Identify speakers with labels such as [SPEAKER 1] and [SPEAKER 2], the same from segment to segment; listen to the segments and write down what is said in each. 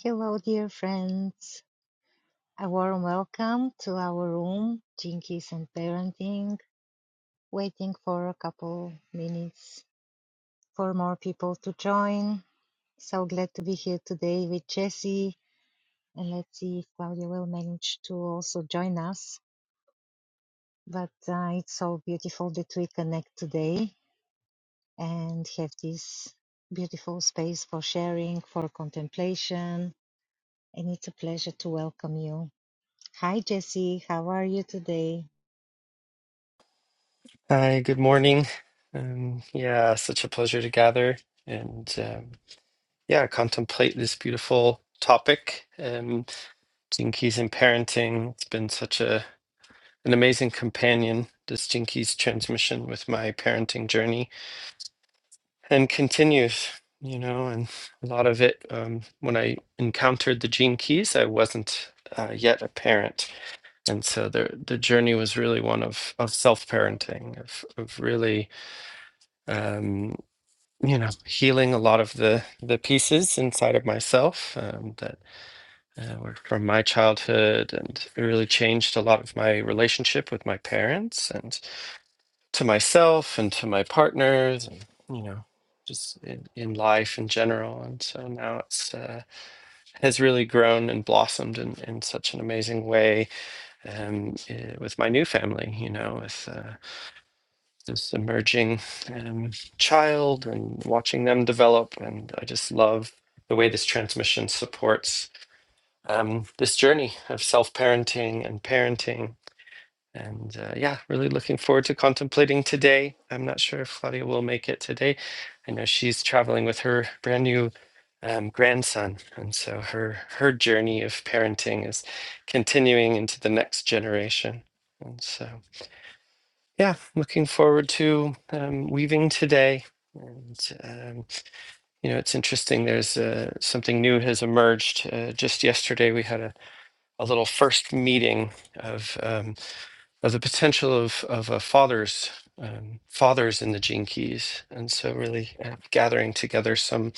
[SPEAKER 1] Hello, dear friends. A warm welcome to our room, Jinkies and Parenting. Waiting for a couple minutes for more people to join. So glad to be here today with Jesse. And let's see if Claudia will manage to also join us. But uh, it's so beautiful that we connect today and have this beautiful space for sharing, for contemplation. And it's a pleasure to welcome you. Hi, Jesse. How are you today?
[SPEAKER 2] Hi, good morning. Um, yeah, such a pleasure to gather and um, yeah, contemplate this beautiful topic. Um, Jinkies and parenting. It's been such a an amazing companion, this Jinkies transmission with my parenting journey and continues, you know, and a lot of it um, when I encountered the Jinkies, I wasn't uh, yet a parent. And so the the journey was really one of of self-parenting, of of really. um, you know healing a lot of the the pieces inside of myself um, that uh, were from my childhood and it really changed a lot of my relationship with my parents and to myself and to my partners and you know just in, in life in general and so now it's uh, has really grown and blossomed in, in such an amazing way um, eh, with my new family you know with uh, this emerging um, child and watching them develop. And I just love the way this transmission supports um, this journey of self parenting and parenting. And uh, yeah, really looking forward to contemplating today. I'm not sure if Claudia will make it today. I know she's traveling with her brand new um, grandson, and so her her journey of parenting is continuing into the next generation. And so, yeah, looking forward to um, weaving today. And, um, you know, it's interesting. There's uh, something new has emerged. Uh, just yesterday, we had a, a little first meeting of um, of the potential of of a father's um, fathers in the Gene Keys, and so really uh, gathering together some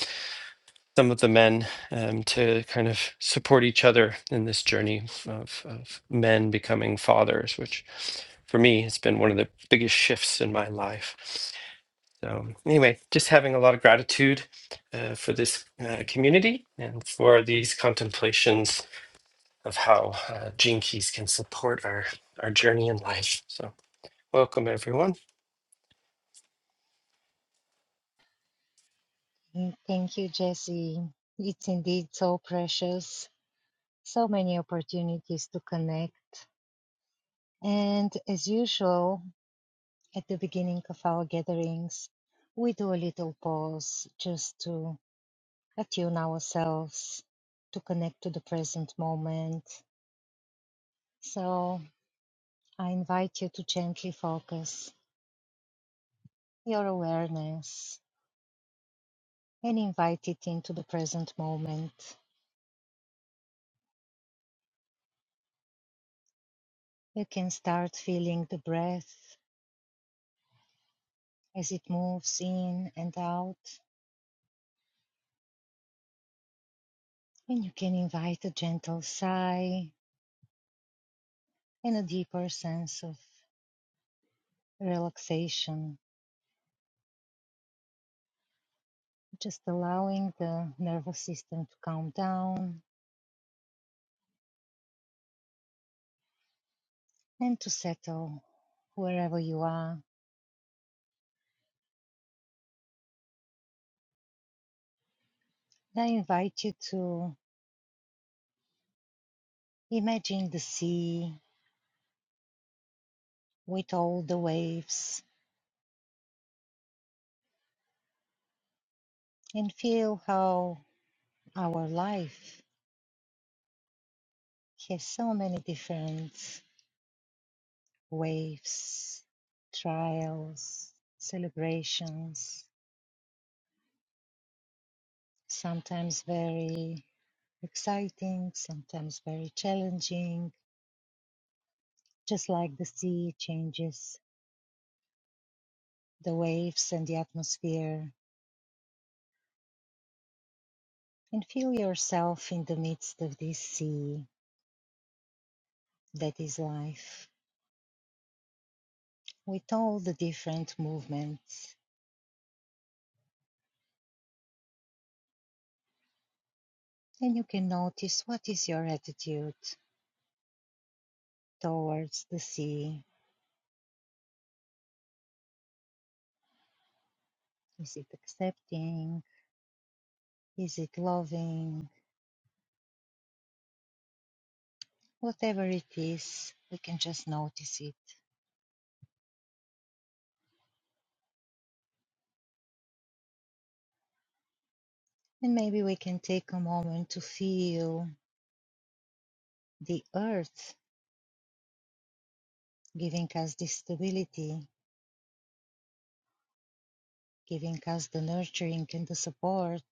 [SPEAKER 2] some of the men um, to kind of support each other in this journey of, of men becoming fathers, which for me has been one of the biggest shifts in my life. So, anyway, just having a lot of gratitude uh, for this uh, community and for these contemplations of how uh, gene keys can support our, our journey in life. So, welcome everyone.
[SPEAKER 1] Mm, Thank you, Jesse. It's indeed so precious. So many opportunities to connect. And as usual, at the beginning of our gatherings, we do a little pause just to attune ourselves to connect to the present moment. So I invite you to gently focus your awareness and invite it into the present moment. You can start feeling the breath as it moves in and out, and you can invite a gentle sigh and a deeper sense of relaxation, just allowing the nervous system to calm down and to settle wherever you are. And I invite you to imagine the sea with all the waves and feel how our life has so many different waves, trials, celebrations, sometimes very exciting, sometimes very challenging, just like the sea changes the waves and the atmosphere. And feel yourself in the midst of this sea that is life, with all the different movements. And you can notice what is your attitude towards the sea. Is it accepting? Is it loving? Whatever it is, we can just notice it. And maybe we can take a moment to feel the earth giving us the stability, giving us the nurturing and the support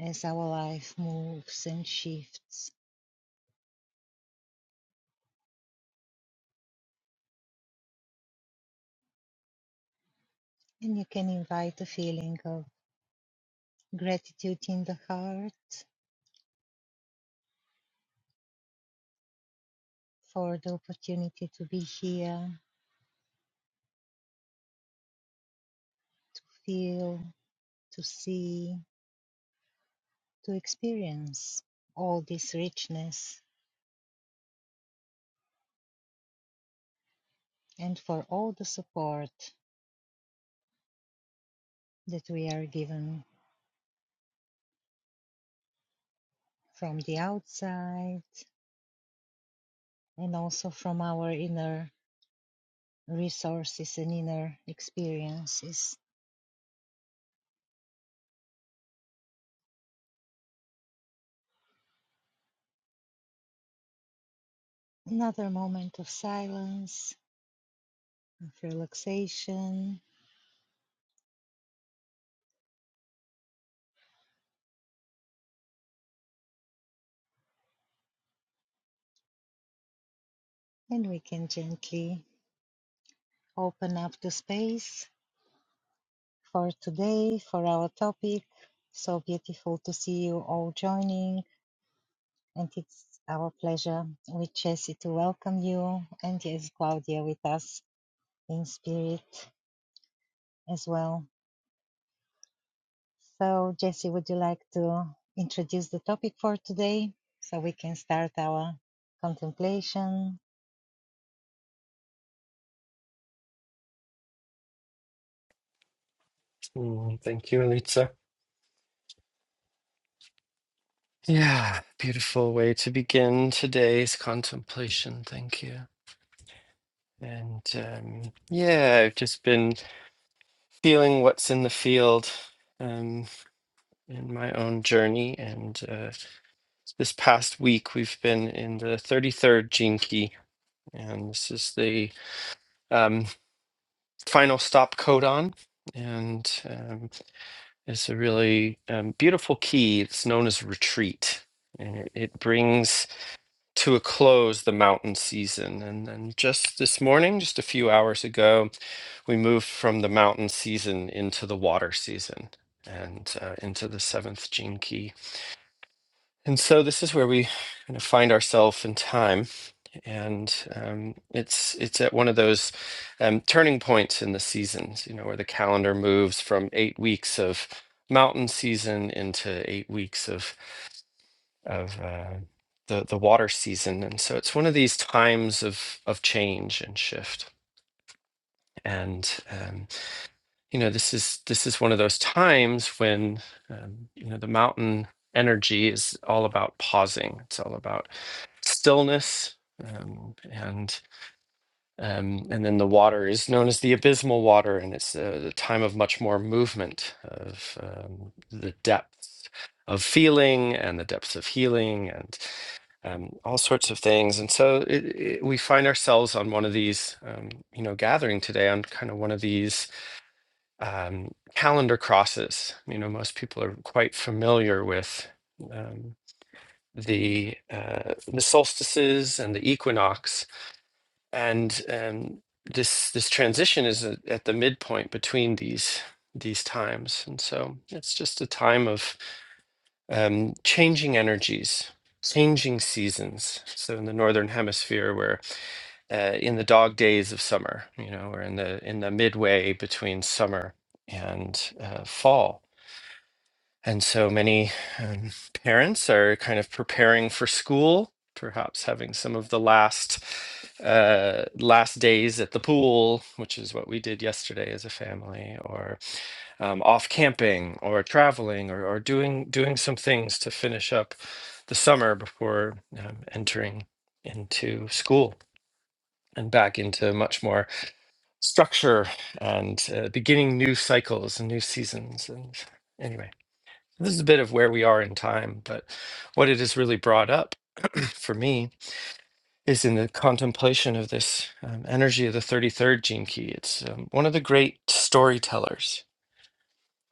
[SPEAKER 1] as our life moves and shifts. And you can invite a feeling of gratitude in the heart for the opportunity to be here, feel, to see, to experience all this richness and for all the support that we are given from the outside and also from our inner resources and inner experiences. Another moment of silence, of relaxation, and we can gently open up the space for today, for our topic. So beautiful to see you all joining, and it's our pleasure with Jessie to welcome you, and yes, Claudia with us in spirit as well. So, Jesse, would you like to introduce the topic for today so we can start our contemplation?
[SPEAKER 2] Mm, thank you, Elitza. Yeah, beautiful way to begin today's contemplation. Thank you. And um, yeah, I've just been feeling what's in the field um, in my own journey. And uh, this past week we've been in the 33rd gene key and this is the um, final stop codon and um, it's a really um, beautiful key it's known as retreat and it, it brings to a close the mountain season and then just this morning just a few hours ago we moved from the mountain season into the water season and uh, into the seventh gene key and so this is where we kind of find ourselves in time and um, it's it's at one of those um, turning points in the seasons, you know, where the calendar moves from eight weeks of mountain season into eight weeks of of uh, the the water season, and so it's one of these times of of change and shift. And um, you know, this is this is one of those times when um, you know the mountain energy is all about pausing. It's all about stillness. Um, and Um, and then the water is known as the abysmal water, and it's uh, the time of much more movement, of um, the depths of feeling and the depths of healing, and um, all sorts of things. And so it, it, we find ourselves on one of these, um, you know, gathering today on kind of one of these um, calendar crosses. You know, most people are quite familiar with um, the uh, the solstices and the equinox and um, this this transition is a- at the midpoint between these these times and so it's just a time of um, changing energies changing seasons so in the northern hemisphere we're uh, in the dog days of summer you know we're in the in the midway between summer and uh, fall and so many um, parents are kind of preparing for school, perhaps having some of the last uh, last days at the pool, which is what we did yesterday as a family, or um, off camping, or traveling, or, or doing doing some things to finish up the summer before um, entering into school and back into much more structure and uh, beginning new cycles and new seasons. And anyway. This is a bit of where we are in time, but what it has really brought up for me is in the contemplation of this um, energy of the 33rd gene key. It's um, one of the great storytellers.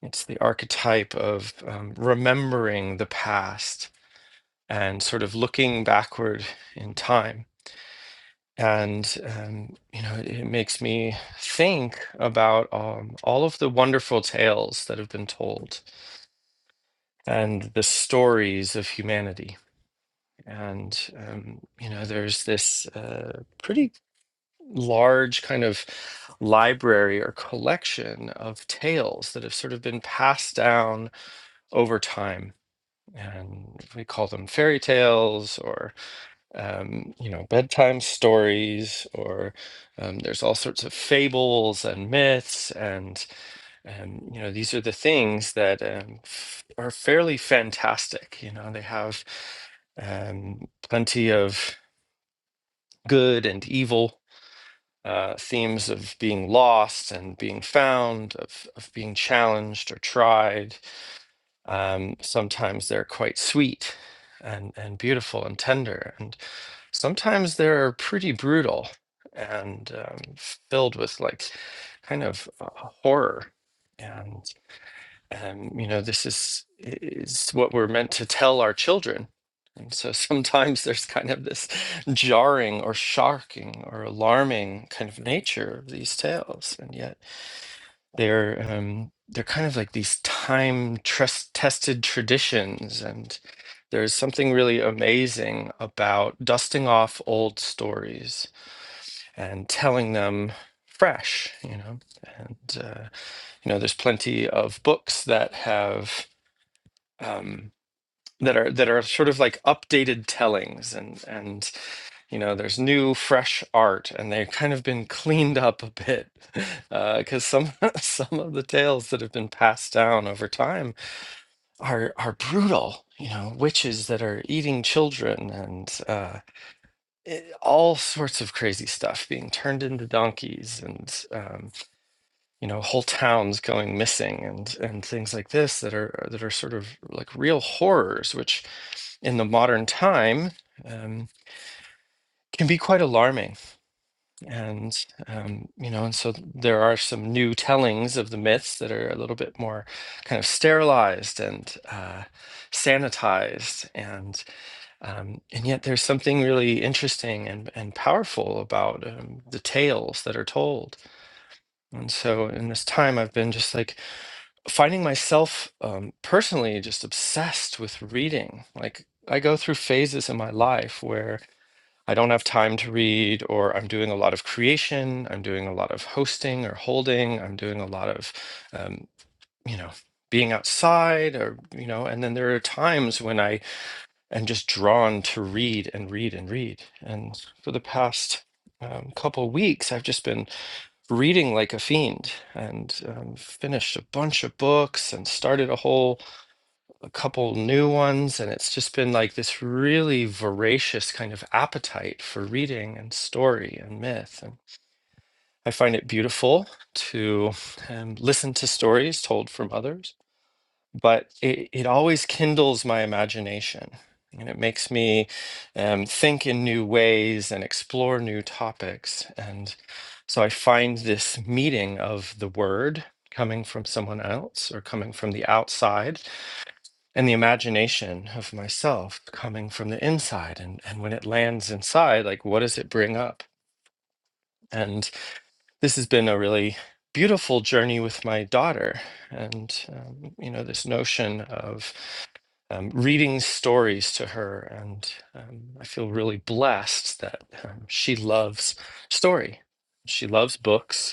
[SPEAKER 2] It's the archetype of um, remembering the past and sort of looking backward in time. And, um, you know, it, makes me think about um, all of the wonderful tales that have been told and the stories of humanity And, um, you know, there's this uh, pretty large kind of library or collection of tales that have sort of been passed down over time. And we call them fairy tales or, um, you know, bedtime stories, or um, there's all sorts of fables and myths and um, you know, these are the things that um, f- are fairly fantastic. You know, they have um, plenty of good and evil, uh, themes of being lost and being found, of, of being challenged or tried. Um, sometimes they're quite sweet and, and beautiful and tender, and sometimes they're pretty brutal and um, filled with like kind of uh, horror and um, you know this is is what we're meant to tell our children and so sometimes there's kind of this jarring or shocking or alarming kind of nature of these tales and yet they're um, they're kind of like these time trust tested traditions and there's something really amazing about dusting off old stories and telling them fresh you know and uh, you know there's plenty of books that have um, that are that are sort of like updated tellings and and you know there's new fresh art and they've kind of been cleaned up a bit because some some of the tales that have been passed down over time are are brutal you know witches that are eating children and uh, it, all sorts of crazy stuff being turned into donkeys and um, you know whole towns going missing and and things like this that are that are sort of like real horrors which in the modern time um, can be quite alarming. And, um, you know, and so there are some new tellings of the myths that are a little bit more kind of sterilized and uh, sanitized. And, um, and yet there's something really interesting and, and powerful about um, the tales that are told. And so in this time, I've been just like finding myself um, personally just obsessed with reading. Like, I go through phases in my life where I don't have time to read, or I'm doing a lot of creation, I'm doing a lot of hosting or holding, I'm doing a lot of, um, you know, being outside, or, you know, and then there are times when I am just drawn to read and read and read. And for the past um, couple weeks, I've just been reading like a fiend and um, finished a bunch of books and started a whole a couple new ones, and it's just been like this really voracious kind of appetite for reading and story and myth. And I find it beautiful to um, listen to stories told from others, but it, it always kindles my imagination. And it makes me um, think in new ways and explore new topics. And so I find this meeting of the word coming from someone else or coming from the outside and the imagination of myself coming from the inside and and when it lands inside like what does it bring up and this has been a really beautiful journey with my daughter and um, you know this notion of um, reading stories to her and um, i feel really blessed that um, she loves story she loves books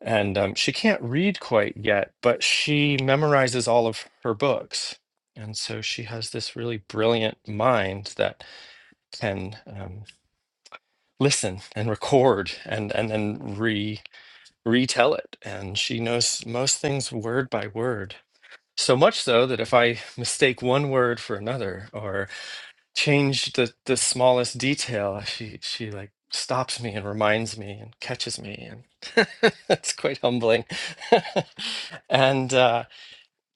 [SPEAKER 2] and um, she can't read quite yet, but she memorizes all of her books. And so she has this really brilliant mind that can um, listen and record and, and then re retell it. And she knows most things word by word. So much so that if I mistake one word for another, or change the the smallest detail she she like stops me and reminds me and catches me and that's quite humbling and uh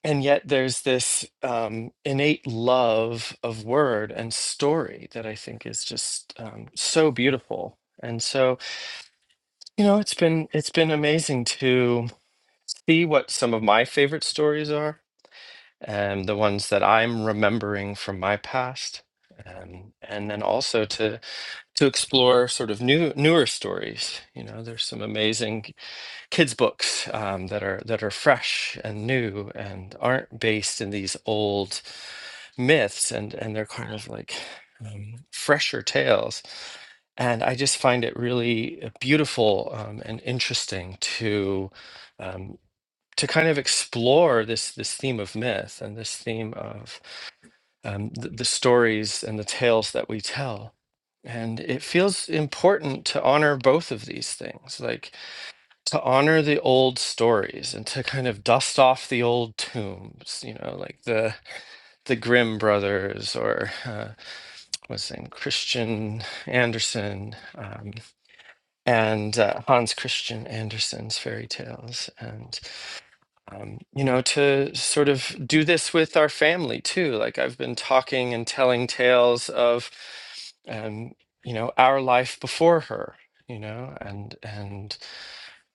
[SPEAKER 2] and yet there's this um innate love of word and story that i think is just um so beautiful and so you know it's been it's been amazing to see what some of my favorite stories are and the ones that i'm remembering from my past um, and then also to to explore sort of new newer stories. You know, there's some amazing kids books um, that are that are fresh and new and aren't based in these old myths, and and they're kind of like um, fresher tales. And I just find it really uh, beautiful um, and interesting to um, to kind of explore this this theme of myth and this theme of um, the, the stories and the tales that we tell. And it feels important to honor both of these things, like to honor the old stories and to kind of dust off the old tombs, you know, like the the Grimm brothers or uh, what's his name, Christian Andersen um, and uh, Hans Christian Andersen's fairy tales. and um, you know, to sort of do this with our family too. Like I've been talking and telling tales of, um, you know, our life before her, you know, and and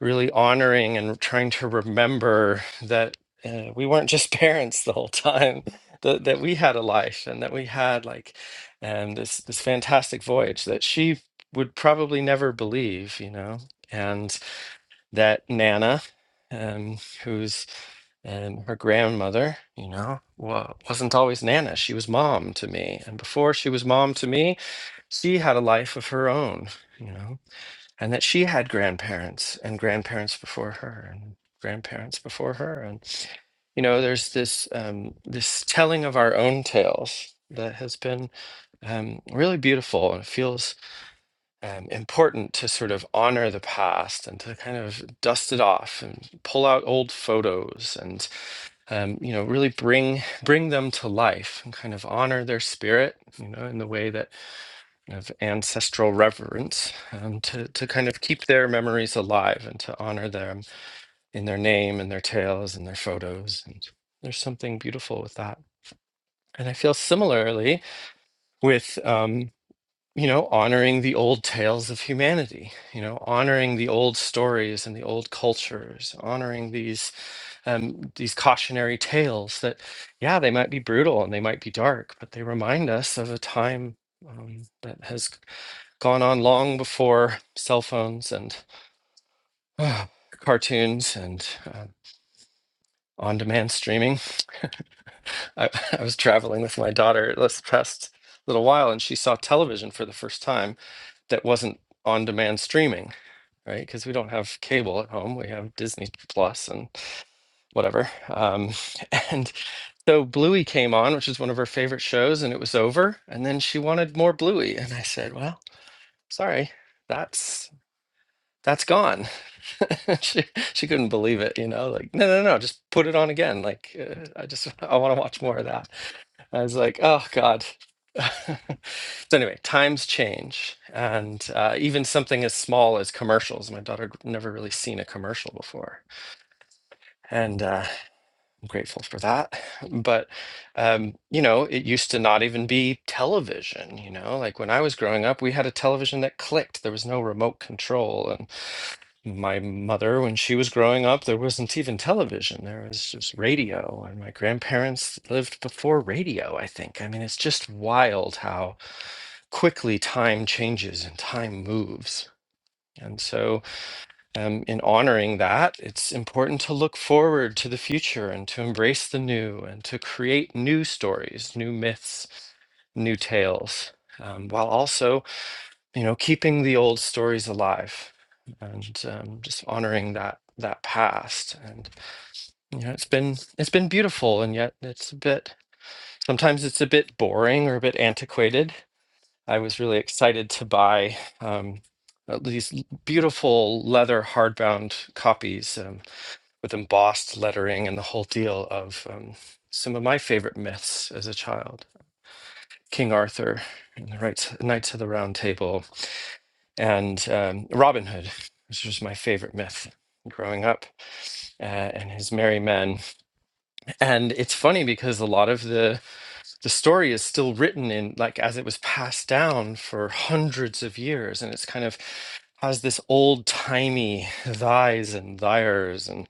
[SPEAKER 2] really honoring and trying to remember that uh, we weren't just parents the whole time. That, that we had a life and that we had like um, this this fantastic voyage that she would probably never believe you know and that Nana, um, who's um, her grandmother, you know, wa- wasn't always Nana. She was mom to me. And before she was mom to me, she had a life of her own, you know, and that she had grandparents and grandparents before her and grandparents before her. And, you know, there's this, um, this telling of our own tales that has been um, really beautiful and it feels um, important to sort of honor the past and to kind of dust it off and pull out old photos and um, you know really bring bring them to life and kind of honor their spirit you know in the way that kind of ancestral reverence um, to to kind of keep their memories alive and to honor them in their name and their tales and their photos and there's something beautiful with that and I feel similarly with um, you know, honoring the old tales of humanity, you know, honoring the old stories and the old cultures, honoring these um, these cautionary tales that, yeah, they might be brutal and they might be dark, but they remind us of a time um, that has gone on long before cell phones and ah, cartoons and uh, on-demand streaming. I, I was traveling with my daughter this past little while, and she saw television for the first time that wasn't on-demand streaming right? Because we don't have cable at home. We have Disney Plus and whatever. Um, and so Bluey came on, which is one of her favorite shows, and it was over. And then she wanted more Bluey. And I said, well, sorry, that's that's gone. she she couldn't believe it, you know, like no no no, no, just put it on again. Like uh, I just I want to watch more of that. I was like, oh God. so anyway, times change, and uh, even something as small as commercials. My daughter had never really seen a commercial before, and uh, I'm grateful for that. But um, you know, it used to not even be television. You know, like when I was growing up, we had a television that clicked. There was no remote control, my mother when she was growing up there wasn't even television there was just radio and my grandparents lived before radio i think i mean it's just wild how quickly time changes and time moves and so um, in honoring that it's important to look forward to the future and to embrace the new and to create new stories new myths new tales um, while also you know, keeping the old stories alive and um, just honoring that that past. And you know, it's been it's been beautiful, and yet it's a bit sometimes it's a bit boring or a bit antiquated. I was really excited to buy um, uh, these l- beautiful leather hardbound copies um, with embossed lettering and the whole deal of um, some of my favorite myths as a child, King Arthur and the rights, Knights of the Round Table and um, Robin Hood, which was my favorite myth growing up, uh, and his merry men. And it's funny because a lot of the the story is still written in like as it was passed down for hundreds of years, and it's kind of has this old timey thys and thyers and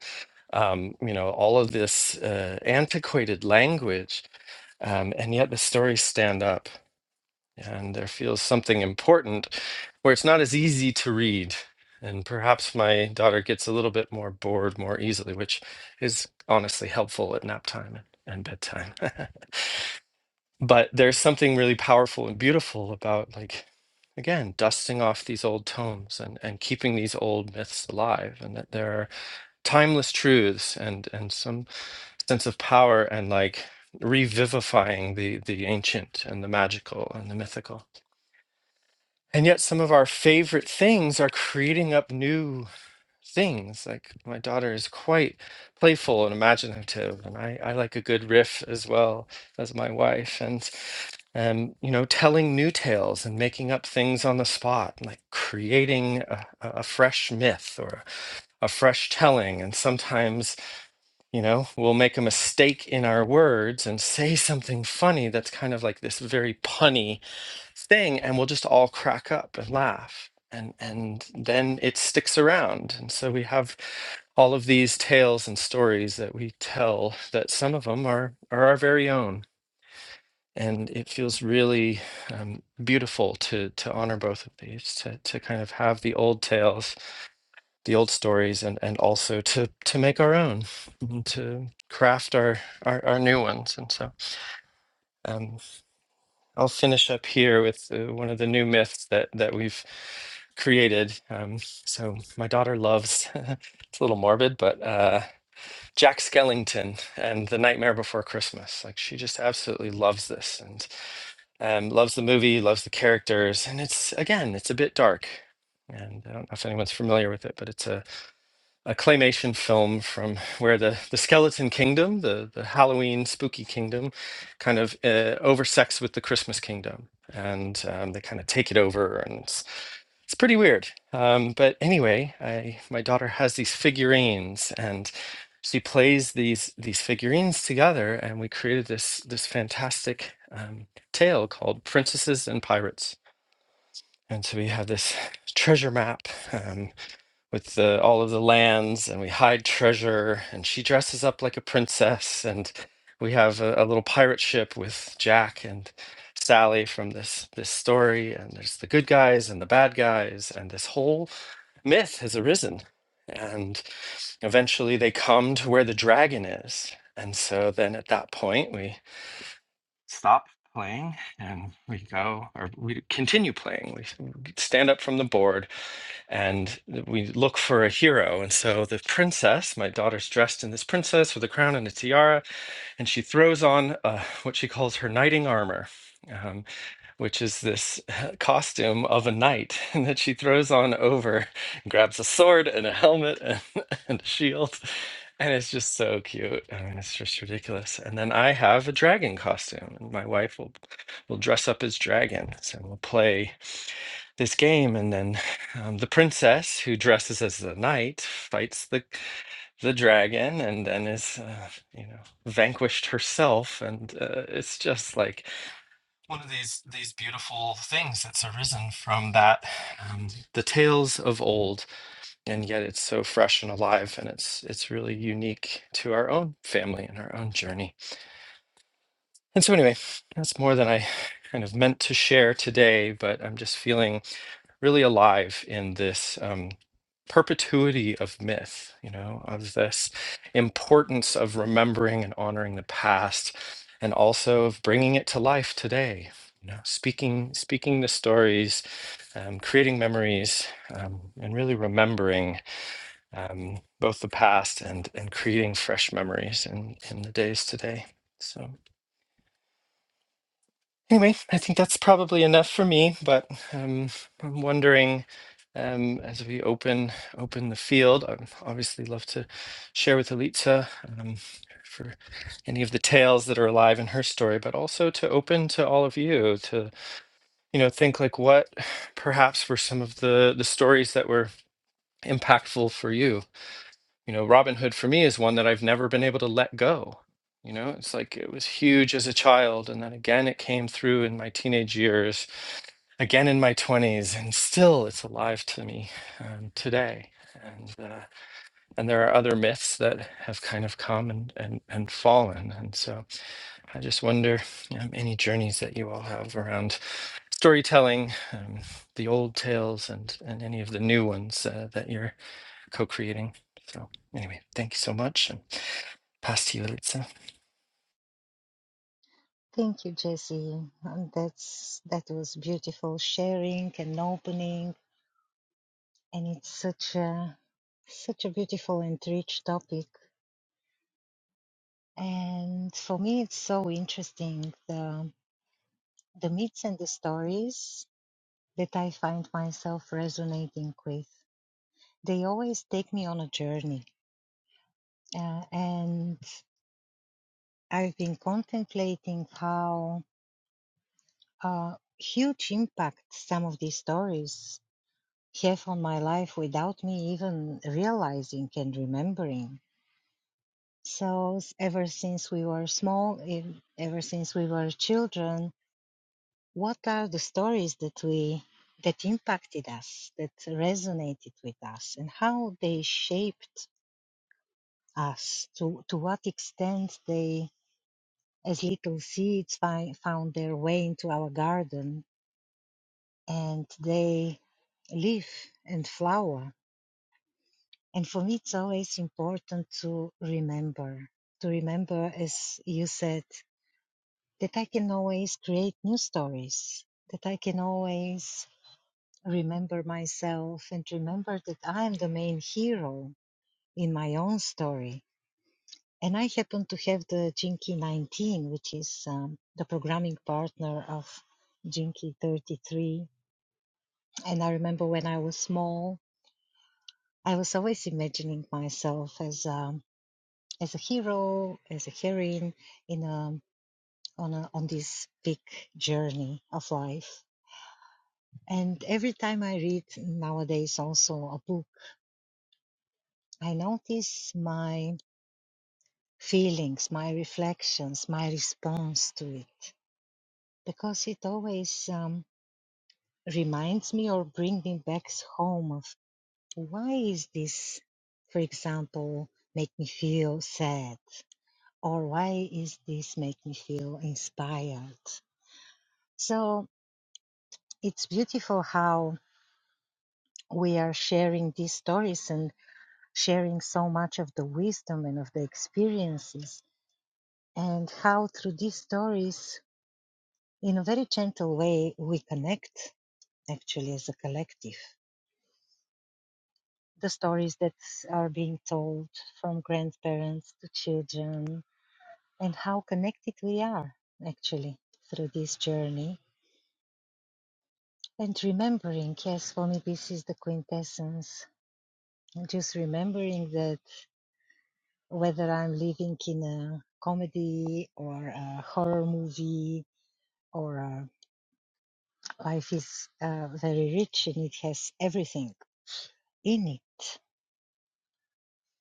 [SPEAKER 2] um, you know all of this uh, antiquated language. Um, and yet the stories stand up and there feels something important where it's not as easy to read. And perhaps my daughter gets a little bit more bored more easily, which is honestly helpful at nap time and bedtime. but there's something really powerful and beautiful about, like, again, dusting off these old tomes and, and keeping these old myths alive, and that there are timeless truths and, and some sense of power and like revivifying the, the ancient and the magical and the mythical. And yet, some of our favorite things are creating up new things. Like, my daughter is quite playful and imaginative, and I, I like a good riff as well as my wife. And, um, you know, telling new tales and making up things on the spot, like creating a, a a fresh myth or a fresh telling. And sometimes, you know, we'll make a mistake in our words and say something funny that's kind of like this very punny thing and we'll just all crack up and laugh and and then it sticks around and so we have all of these tales and stories that we tell that some of them are are our very own and it feels really um, beautiful to to honor both of these to to kind of have the old tales the old stories and and also to to make our own and to craft our our, our new ones and so um, I'll finish up here with uh, one of the new myths that that we've created. Um, so my daughter loves it's a little morbid, but uh, Jack Skellington and The Nightmare Before Christmas. Like she just absolutely loves this and um, loves the movie, loves the characters, and it's again, it's a bit dark. And I don't know if anyone's familiar with it, but it's a a claymation film from where the, the skeleton kingdom, the, the Halloween spooky kingdom, kind of uh, oversects with the Christmas kingdom. And um, they kind of take it over, and it's, it's pretty weird. Um, but anyway, I, my daughter has these figurines, and she plays these these figurines together, and we created this this fantastic um, tale called Princesses and Pirates. And so we have this treasure map um, with the, all of the lands and we hide treasure and she dresses up like a princess and we have a, a little pirate ship with Jack and Sally from this this story and there's the good guys and the bad guys and this whole myth has arisen and eventually they come to where the dragon is and so then at that point we stop playing and we go or we continue playing we stand up from the board and we look for a hero. And so the princess, my daughter's dressed in this princess with a crown and a tiara, and she throws on uh, what she calls her knighting armor. Um, which is this costume of a knight and that she throws on over, and grabs a sword and a helmet and, and a shield. And it's just so cute. I mean, it's just ridiculous. And then I have a dragon costume, and my wife will will dress up as dragon. So we'll play this game and then um, the princess who dresses as the knight fights the the dragon and then is uh, you know vanquished herself and uh, it's just like one of these these beautiful things that's arisen from that um, the tales of old and yet it's so fresh and alive and it's it's really unique to our own family and our own journey and so anyway that's more than i kind of meant to share today but i'm just feeling really alive in this um, perpetuity of myth, you know, of this importance of remembering and honoring the past, and also of bringing it to life today. You know, speaking speaking the stories, um, creating memories, um, and really remembering um, both the past and and creating fresh memories in in the days today. So. Anyway, I think that's probably enough for me, but um, I'm wondering um, as we open open the field, I'd obviously love to share with Elitsa um, for any of the tales that are alive in her story, but also to open to all of you to you know think like what perhaps were some of the the stories that were impactful for you you know robinhood for me is one that i've never been able to let go you know it's like it was huge as a child and then again it came through in my teenage years again in my 20s and still it's alive to me um, today and uh, and there are other myths that have kind of come and, and and fallen and so i just wonder um, any journeys that you all have around storytelling um, the old tales and and any of the new ones uh, that you're co-creating. So anyway, thank you so much, and pass to you, Elitsa.
[SPEAKER 1] Thank you, Jesse. Um, That's that was beautiful sharing and opening, and it's such a such a beautiful and rich topic. And for me, it's so interesting the the myths and the stories that I find myself resonating with. They always take me on a journey, uh, and I've been contemplating how uh, huge impact some of these stories have on my life without me even realizing and remembering. So, s- ever since we were small, ev- ever since we were children, what are the stories that we that impacted us, that resonated with us, and how they shaped us? To to what extent they, as little seeds, fi- found their way into our garden, and they live and flower. And for me, it's always important to remember, to remember, as you said, that I can always create new stories, that I can always remember myself and remember that I am the main hero in my own story. And I happen to have the Jinky 19, which is um, the programming partner of Jinky 33. And I remember when I was small, I was always imagining myself as a as a hero, as a heroine in a on a on this big journey of life. And every time I read nowadays also a book, I notice my feelings, my reflections, my response to it, because it always um, reminds me or brings me back home of why is this, for example, make me feel sad or why is this make me feel inspired? So it's beautiful how we are sharing these stories and sharing so much of the wisdom and of the experiences and how through these stories in a very gentle way we connect actually as a collective the stories that are being told from grandparents to children and how connected we are actually through this journey And remembering, yes, for me, this is the quintessence. Just remembering that whether I'm living in a comedy or a horror movie or a, life is uh, very rich and it has everything in it,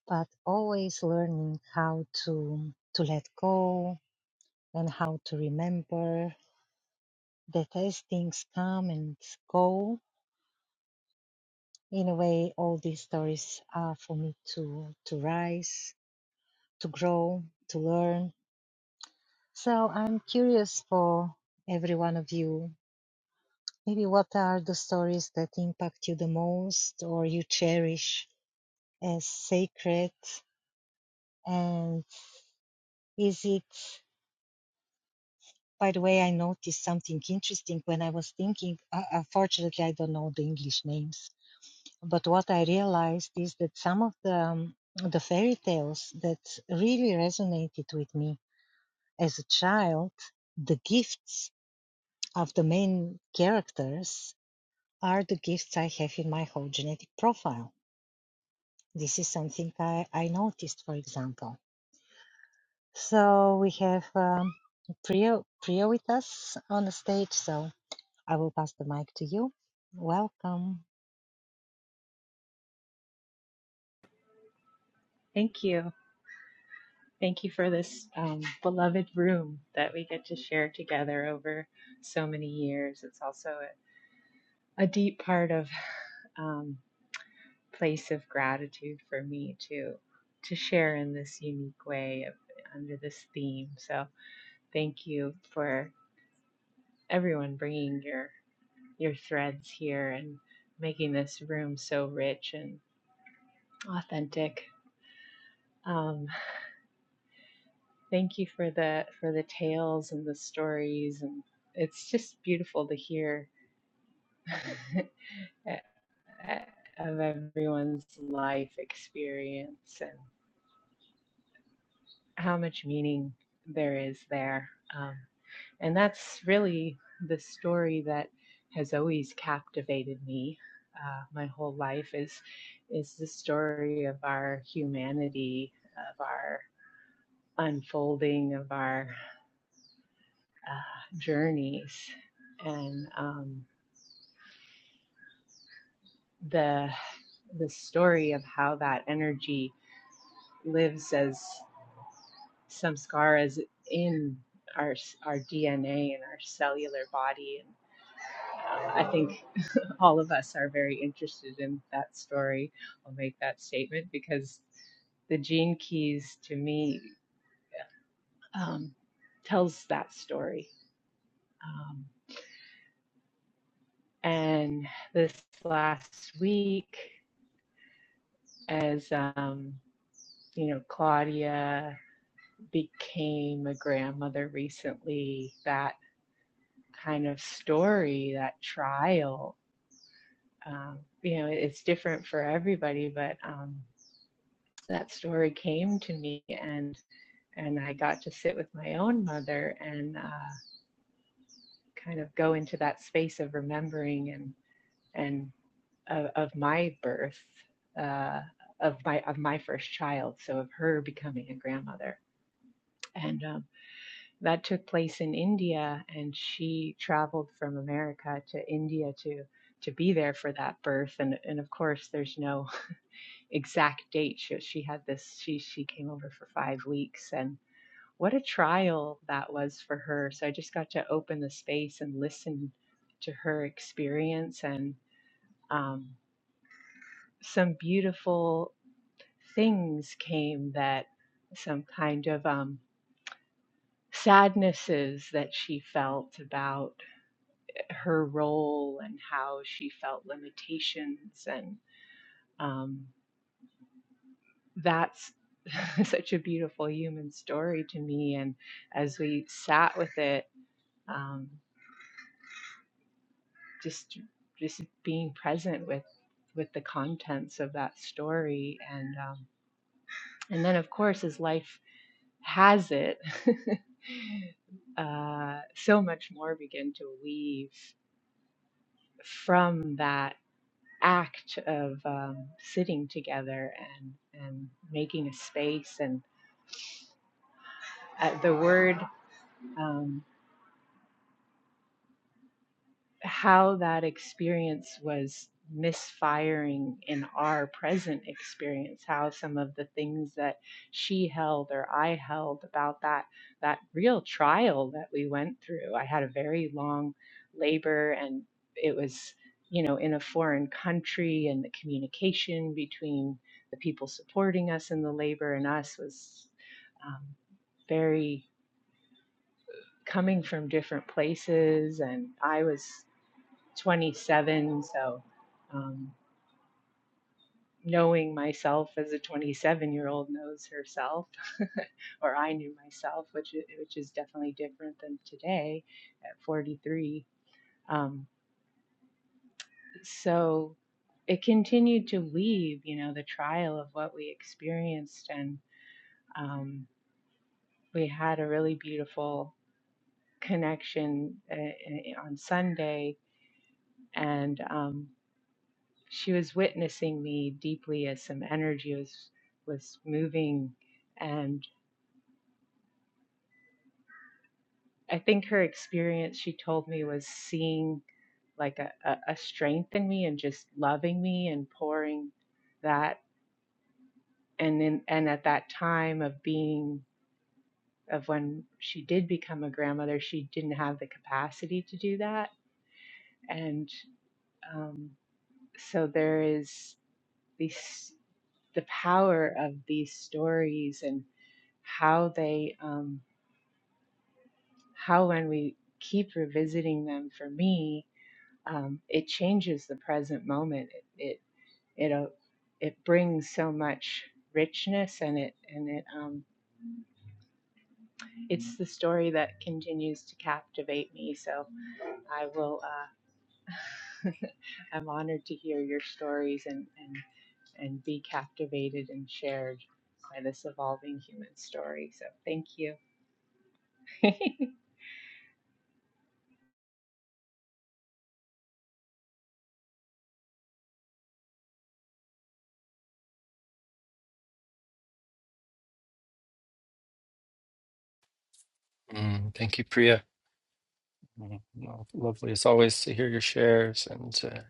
[SPEAKER 1] but always learning how to to let go and how to remember that as things come and go, in a way, all these stories are for me to to rise to grow, to learn. So I'm curious for every one of you. Maybe what are the stories that impact you the most or you cherish as sacred? And is it, by the way, I noticed something interesting when I was thinking. Uh, unfortunately, I don't know the English names, but what I realized is that some of the um, the fairy tales that really resonated with me as a child the gifts of the main characters are the gifts I have in my whole genetic profile. This is something I, I noticed, for example. So we have um, Priya, Priya with us on the stage, so I will pass the mic to you. Welcome.
[SPEAKER 3] Thank you. Thank you for this um, beloved room that we get to share together over so many years. It's also a, a deep part of um, place of gratitude for me to to share in this unique way of, under this theme. So thank you for everyone bringing your your threads here and making this room so rich and authentic. Um, Thank you for the for the tales and the stories, and it's just beautiful to hear of everyone's life experience and how much meaning there is there. Um, and that's really the story that has always captivated me uh, my whole life is is the story of our humanity of our unfolding of our uh, journeys and um, the the story of how that energy lives as samskara is in our our DNA and our cellular body. And uh, I think all of us are very interested in that story. I'll make that statement because the gene keys to me um, tells that story. Um, and this last week, as um, you know, Claudia became a grandmother recently, that kind of story, that trial, um, you know, it's different for everybody, but um, that story came to me and and I got to sit with my own mother and uh, kind of go into that space of remembering and and of, of my birth, uh, of my of my first child, so of her becoming a grandmother, and um, that took place in India, and she traveled from America to India to to be there for that birth. And and of course, there's no exact date. She, she had this. She she came over for five weeks, and what a trial that was for her. So I just got to open the space and listen to her experience, and um, some beautiful things came that some kind of um, sadnesses that she felt about her role and how she felt limitations and um, that's such a beautiful human story to me and as we sat with it um, just just being present with with the contents of that story and um, and then of course as life has it uh, so much more began to weave from that act of um, sitting together and and making a space and uh, the word um, how that experience was misfiring in our present experience how some of the things that she held or I held about that that real trial that we went through I had a very long labor and it was you know in a foreign country and the communication between the people supporting us in the labor and us was um, very coming from different places and I was 27. So, um, knowing myself as a 27 year old knows herself, or I knew myself, which is, which is definitely different than today at 43. Um, so it continued to weave, you know, the trial of what we experienced, and um, we had a really beautiful connection uh, uh, on Sunday, and um, she was witnessing me deeply as some energy was was moving and i think her experience she told me was seeing like a, a, a strength in me and just loving me and pouring that and then and at that time of being of when she did become a grandmother she didn't have the capacity to do that and um, so there is these the power of these stories and how they um, how when we keep revisiting them for me um, it changes the present moment it it it, uh, it brings so much richness and it and it um, it's the story that continues to captivate me so i will uh, i'm honored to hear your stories and and and be captivated and shared by this evolving human story so thank you
[SPEAKER 2] Mm, thank you, Priya. Mm, lo- lovely as always to hear your shares, and uh,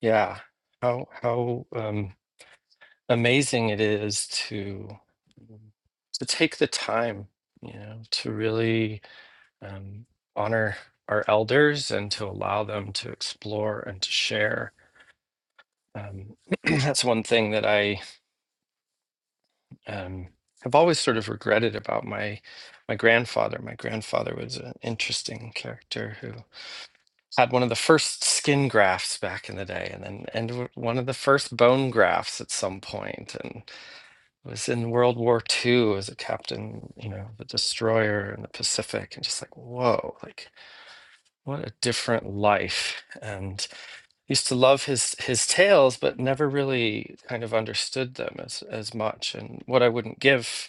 [SPEAKER 2] yeah, how how um, amazing it is to to take the time, you know, to really um, honor our elders and to allow them to explore and to share. Um, that's one thing that I um, I've always sort of regretted about my my grandfather. My grandfather was an interesting character who had one of the first skin grafts back in the day, and then and w- one of the first bone grafts at some point, and was in World War II as a captain, you know, the destroyer in the Pacific, and just like whoa, like what a different life. And used to love his his tales, but never really kind of understood them as as much. And what I wouldn't give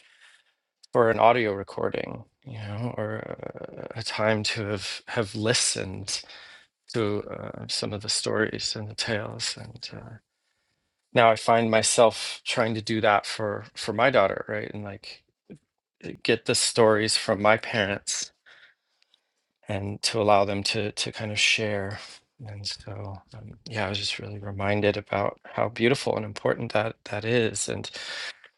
[SPEAKER 2] for an audio recording, you know, or uh, a time to have have listened to uh, some of the stories and the tales. And uh, now I find myself trying to do that for for my daughter, right? And like uh, get the stories from my parents and to allow them to to kind of share. And so, um, yeah, I was just really reminded about how beautiful and important that that is, and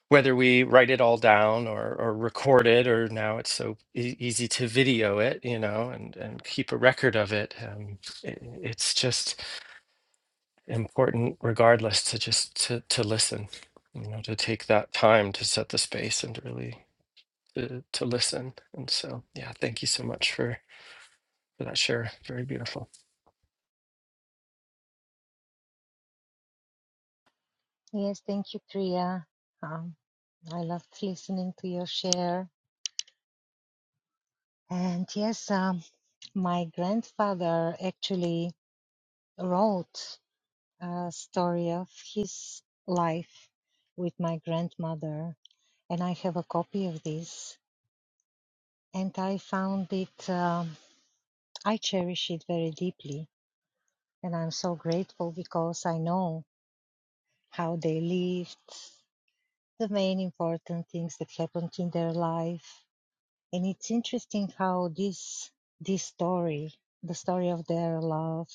[SPEAKER 2] whether we write it all down or, or record it or now it's so e- easy to video it you know and, and keep a record of it um, it it's just important regardless to just to, to listen you know to take that time to set the space and to really to, to listen and so yeah thank you so much for for that share very beautiful
[SPEAKER 1] Yes, thank you, Priya. Um, I loved listening to your share. And yes, um, my grandfather actually wrote uh, story of his life with my grandmother, and I have a copy of this. And I found it, um, I cherish it very deeply, and I'm so grateful because I know how they lived, the main important things that happened in their life, and it's interesting how this this story the story of their love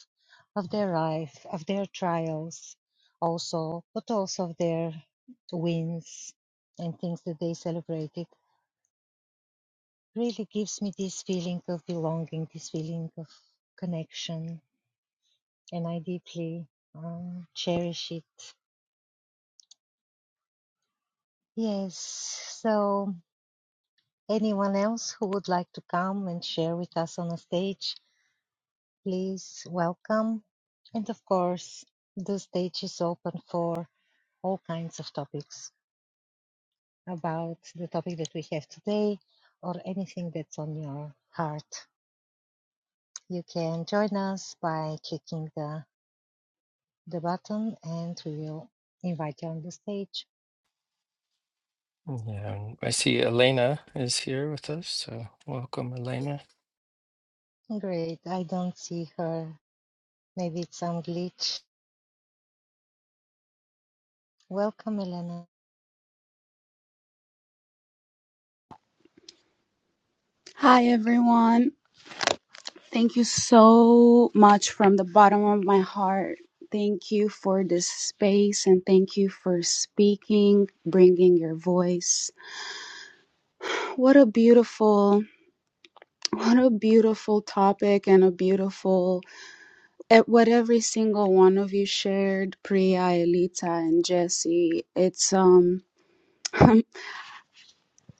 [SPEAKER 1] of their life of their trials also but also of their wins and things that they celebrated really gives me this feeling of belonging this feeling of connection and i deeply um, cherish it yes so anyone else who would like to come and share with us on the stage please welcome. And of course, the stage is open for all kinds of topics about the topic that we have today or anything that's on your heart. You can join us by clicking the, the button and we will invite you on the stage.
[SPEAKER 2] yeah and i see elena is here with us so welcome elena
[SPEAKER 1] Great, I don't see her. Maybe it's some glitch. Welcome, Elena.
[SPEAKER 4] Hi, everyone. Thank you so much from the bottom of my heart. Thank you for this space and thank you for speaking, bringing your voice. What a beautiful, what a beautiful topic and a beautiful, eh, what every single one of you shared, Priya, Elita, and Jesse. It's, um,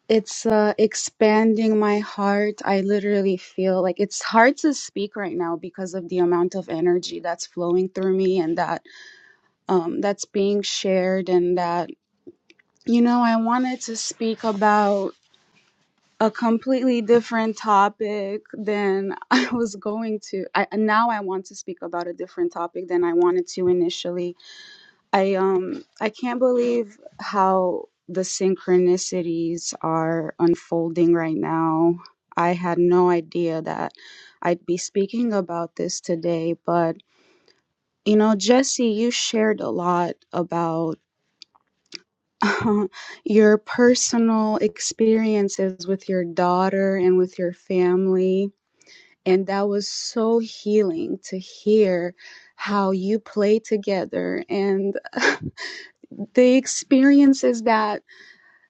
[SPEAKER 4] It's uh, expanding my heart. I literally feel like it's hard to speak right now because of the amount of energy that's flowing through me and that um, that's being shared. And that, you know, I wanted to speak about a completely different topic than I was going to. I, now I want to speak about a different topic than I wanted to initially I um I can't believe how the synchronicities are unfolding right now. I had no idea that I'd be speaking about this today, but you know, Jesse, you shared a lot about your personal experiences with your daughter and with your family, and that was so healing to hear how you play together and the experiences that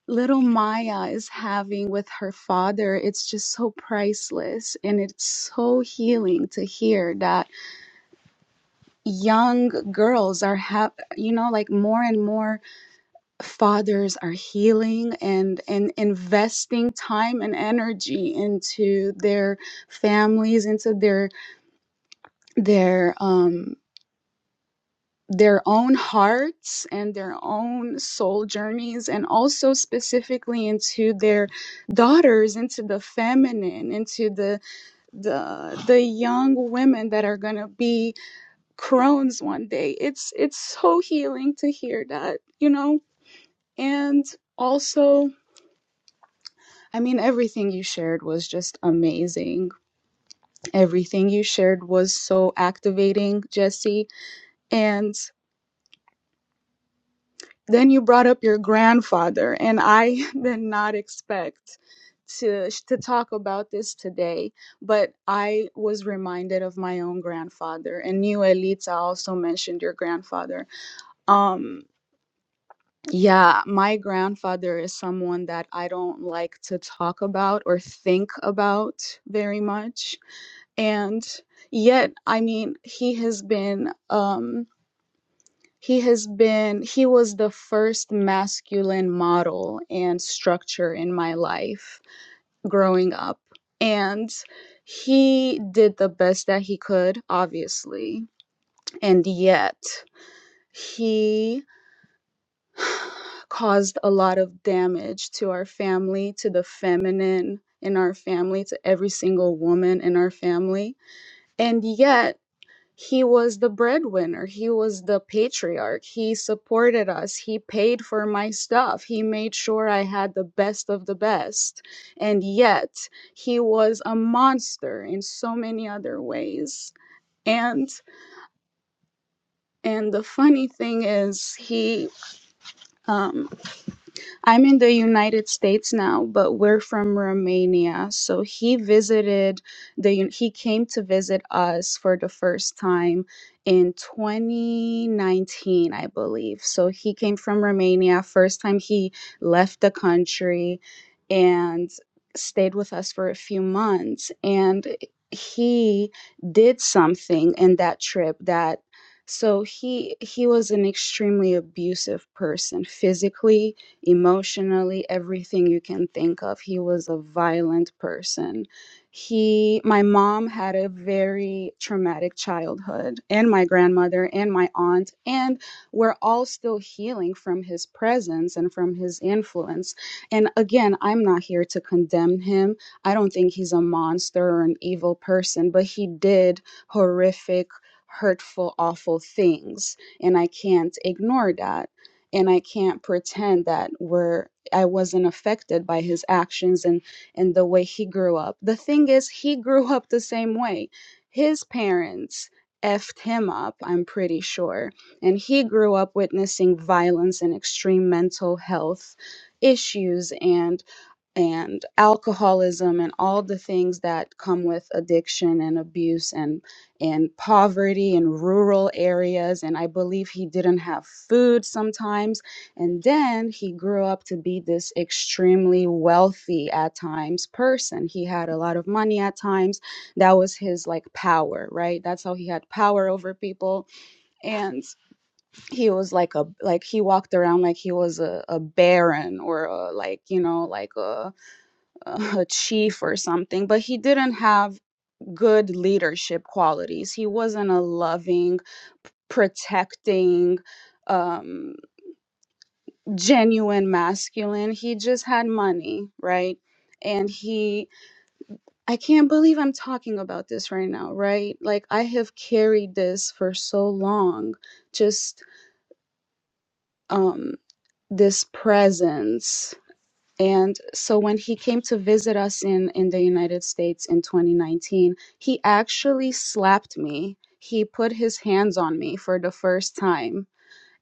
[SPEAKER 4] little Maya is having with her father, it's just so priceless. And it's so healing to hear that young girls are have you know, like more and more fathers are healing and and investing time and energy into their families, into their their um their own hearts and their own soul journeys and also specifically into their daughters into the feminine into the the the young women that are going to be crones one day it's it's so healing to hear that you know and also i mean everything you shared was just amazing everything you shared was so activating jesse And. Then you brought up your grandfather, and I did not expect to to talk about this today, but I was reminded of my own grandfather, and you, Elita, also mentioned your grandfather. Um, yeah, my grandfather is someone that I don't like to talk about or think about very much, and yet, I mean, he has been. Um, he has been, he was the first masculine model and structure in my life growing up. And he did the best that he could, obviously. And yet, he caused a lot of damage to our family, to the feminine in our family, to every single woman in our family. And yet, he was the breadwinner he was the patriarch he supported us he paid for my stuff he made sure i had the best of the best and yet he was a monster in so many other ways and and the funny thing is he um. I'm in the United States now, but we're from Romania. So he visited the un- he came to visit us for the first time in 2019, I believe. So he came from Romania first time he left the country and stayed with us for a few months and he did something in that trip that so he he was an extremely abusive person physically emotionally, everything you can think of. He was a violent person. He, my mom had a very traumatic childhood, and my grandmother, and my aunt, and we're all still healing from his presence and from his influence. And again, I'm not here to condemn him. I don't think he's a monster or an evil person, but he did horrific, hurtful, awful things. And I can't ignore that and I can't pretend that we're I wasn't affected by his actions and and the way he grew up. The thing is, he grew up the same way. His parents effed him up, I'm pretty sure, and he grew up witnessing violence and extreme mental health issues and and alcoholism and all the things that come with addiction and abuse and and poverty in rural areas and i believe he didn't have food sometimes and then he grew up to be this extremely wealthy at times person he had a lot of money at times that was his like power right that's how he had power over people and he was like a like he walked around like he was a, a baron or a, like you know like a uh, a chief or something, but he didn't have good leadership qualities. He wasn't a loving, protecting, um, genuine masculine. He just had money, right? And he, I can't believe I'm talking about this right now, right? Like, I have carried this for so long, just um, this presence. And so when he came to visit us in, in the United States in 2019, he actually slapped me. He put his hands on me for the first time.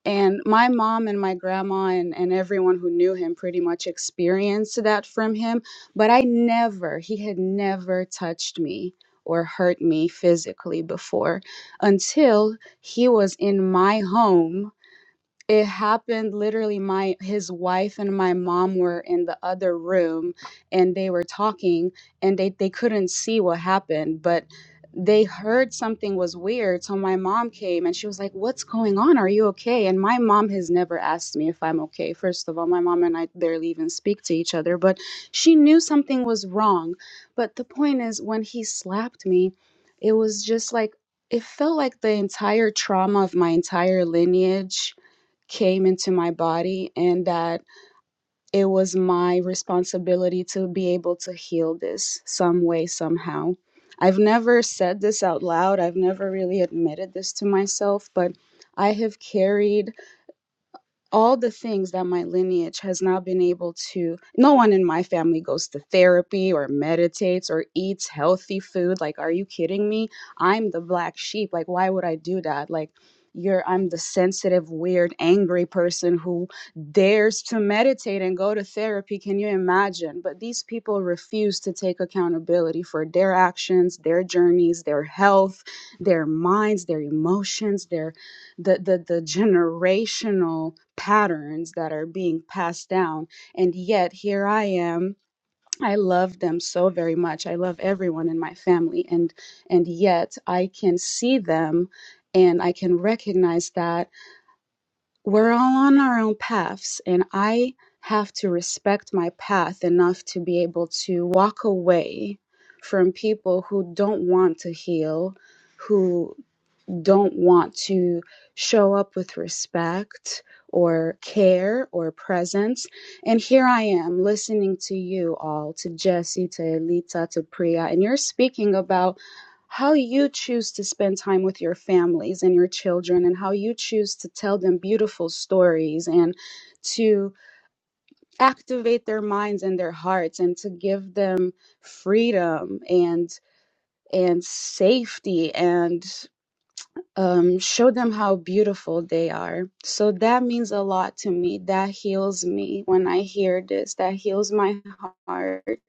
[SPEAKER 4] And my mom and my grandma and, and everyone who knew him pretty much experienced that from him. But I never, he had never touched me or hurt me physically before until he was in my home it happened literally my his wife and my mom were in the other room and they were talking and they they couldn't see what happened but they heard something was weird so my mom came and she was like what's going on are you okay and my mom has never asked me if i'm okay first of all my mom and i barely even speak to each other but she knew something was wrong but the point is when he slapped me it was just like it felt like the entire trauma of my entire lineage came into my body and that it was my responsibility to be able to heal this some way, somehow. I've never said this out loud, I've never really admitted this to myself, but I have carried all the things that my lineage has not been able to no one in my family goes to therapy or meditates or eats healthy food like are you kidding me i'm the black sheep like why would i do that like you're i'm the sensitive weird angry person who dares to meditate and go to therapy can you imagine but these people refuse to take accountability for their actions their journeys their health their minds their emotions their the the, the generational patterns that are being passed down and yet here i am i love them so very much i love everyone in my family and and yet i can see them and i can recognize that we're all on our own paths and i have to respect my path enough to be able to walk away from people who don't want to heal, who don't want to show up with respect or care or presence. And here I am listening to you all, to Jesse, to Elita, to Priya, and you're speaking about how you choose to spend time with your families and your children and how you choose to tell them beautiful stories and to activate their minds and their hearts and to give them freedom and and safety and um, show them how beautiful they are. So that means a lot to me. That heals me when I hear this. That heals my heart.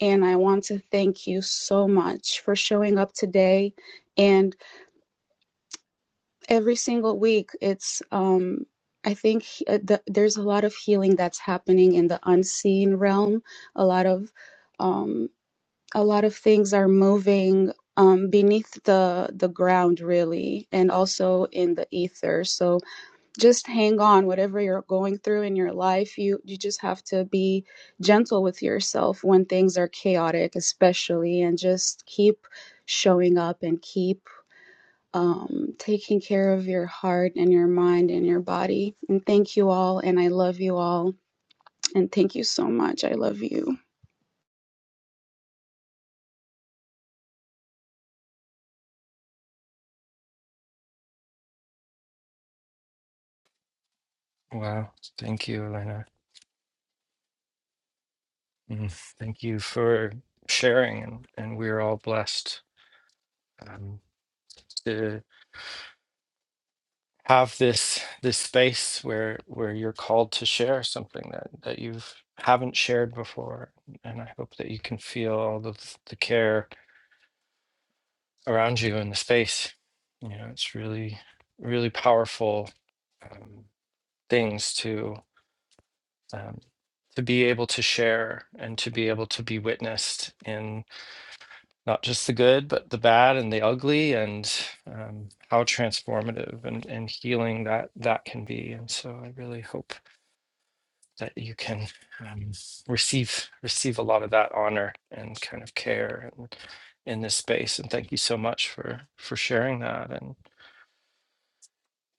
[SPEAKER 4] And I want to thank you so much for showing up today. And every single week, it's, um, I think he- uh, the, there's a lot of healing that's happening in the unseen realm. A lot of, um, a lot of things are moving um, beneath the the ground, really, and also in the ether. So just hang on whatever you're going through in your life you you just have to be gentle with yourself when things are chaotic especially and just keep showing up and keep um, taking care of your heart and your mind and your body and thank you all and i love you all and thank you so much i love you
[SPEAKER 2] wow thank you elena Mm, Thank you for sharing, and, and we're all blessed um, to have this this space where where you're called to share something that that you haven't shared before. And I hope that you can feel all of the care around you in the space. You know, it's really really powerful um, things to um, to be able to share and to be able to be witnessed in. not just the good, but the bad and the ugly, and um, how transformative and, and healing that that can be. And so, I really hope that you can um, receive receive a lot of that honor and kind of care and in this space. And thank you so much for for sharing that. And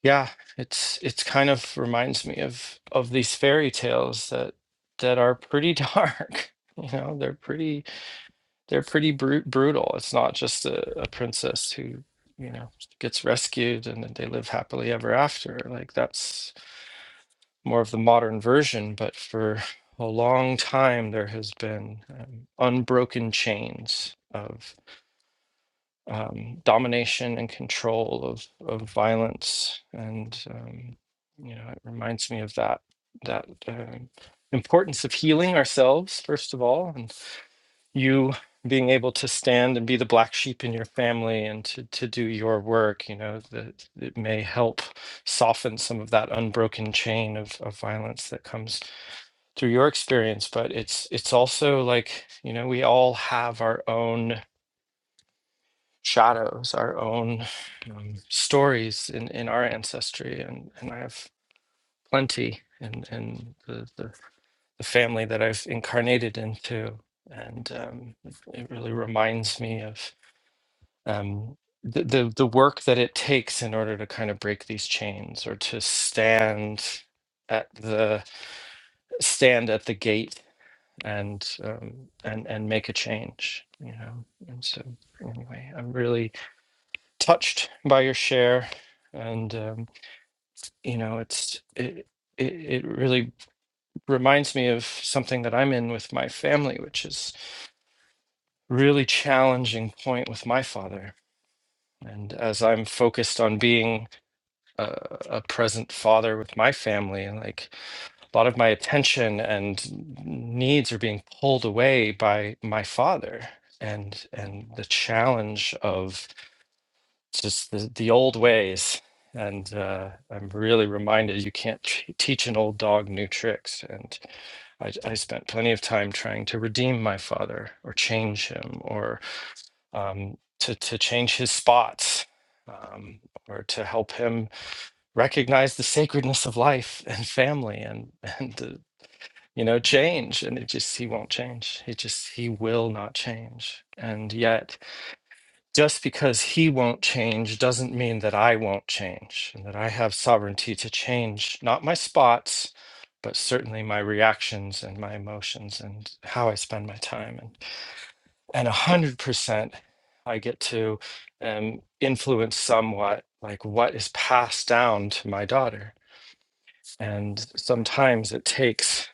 [SPEAKER 2] yeah, it's it's kind of reminds me of of these fairy tales that that are pretty dark. You know, they're pretty they're pretty bru- brutal. It's not just a, a princess who, you know, gets rescued and then they live happily ever after. Like that's more of the modern version, but for a long time there has been um, unbroken chains of um, domination and control of of violence, and um, you know, it reminds me of that that um importance of healing ourselves first of all, and you being able to stand and be the black sheep in your family and to, to do your work, you know, that it may help soften some of that unbroken chain of, of violence that comes through your experience. But it's it's also like, you know, we all have our own shadows, our own um, stories in, in our ancestry. And, and I have plenty in in the, the, the family that I've incarnated into. And um, it really reminds me of um, the, the the work that it takes in order to kind of break these chains or to stand at the stand at the gate and um, and and make a change you know and so anyway i'm really touched by your share and um, you know it's it, it it really reminds me of something that i'm in with my family which is really challenging point with my father and as i'm focused on being a, a present father with my family. Like a lot of my attention and needs are being pulled away by my father and and the challenge of just the, the old ways. And uh, I'm really reminded you can't t- teach an old dog new tricks. And I, I spent plenty of time trying to redeem my father or change him or um, to, to change his spots um, or to help him recognize the sacredness of life and family and and uh, you know change and it just he won't change he just he will not change and yet just because he won't change doesn't mean that i won't change and that i have sovereignty to change not my spots but certainly my reactions and my emotions and how i spend my time and and 100% i get to um, influence somewhat like what is passed down to my daughter and sometimes it takes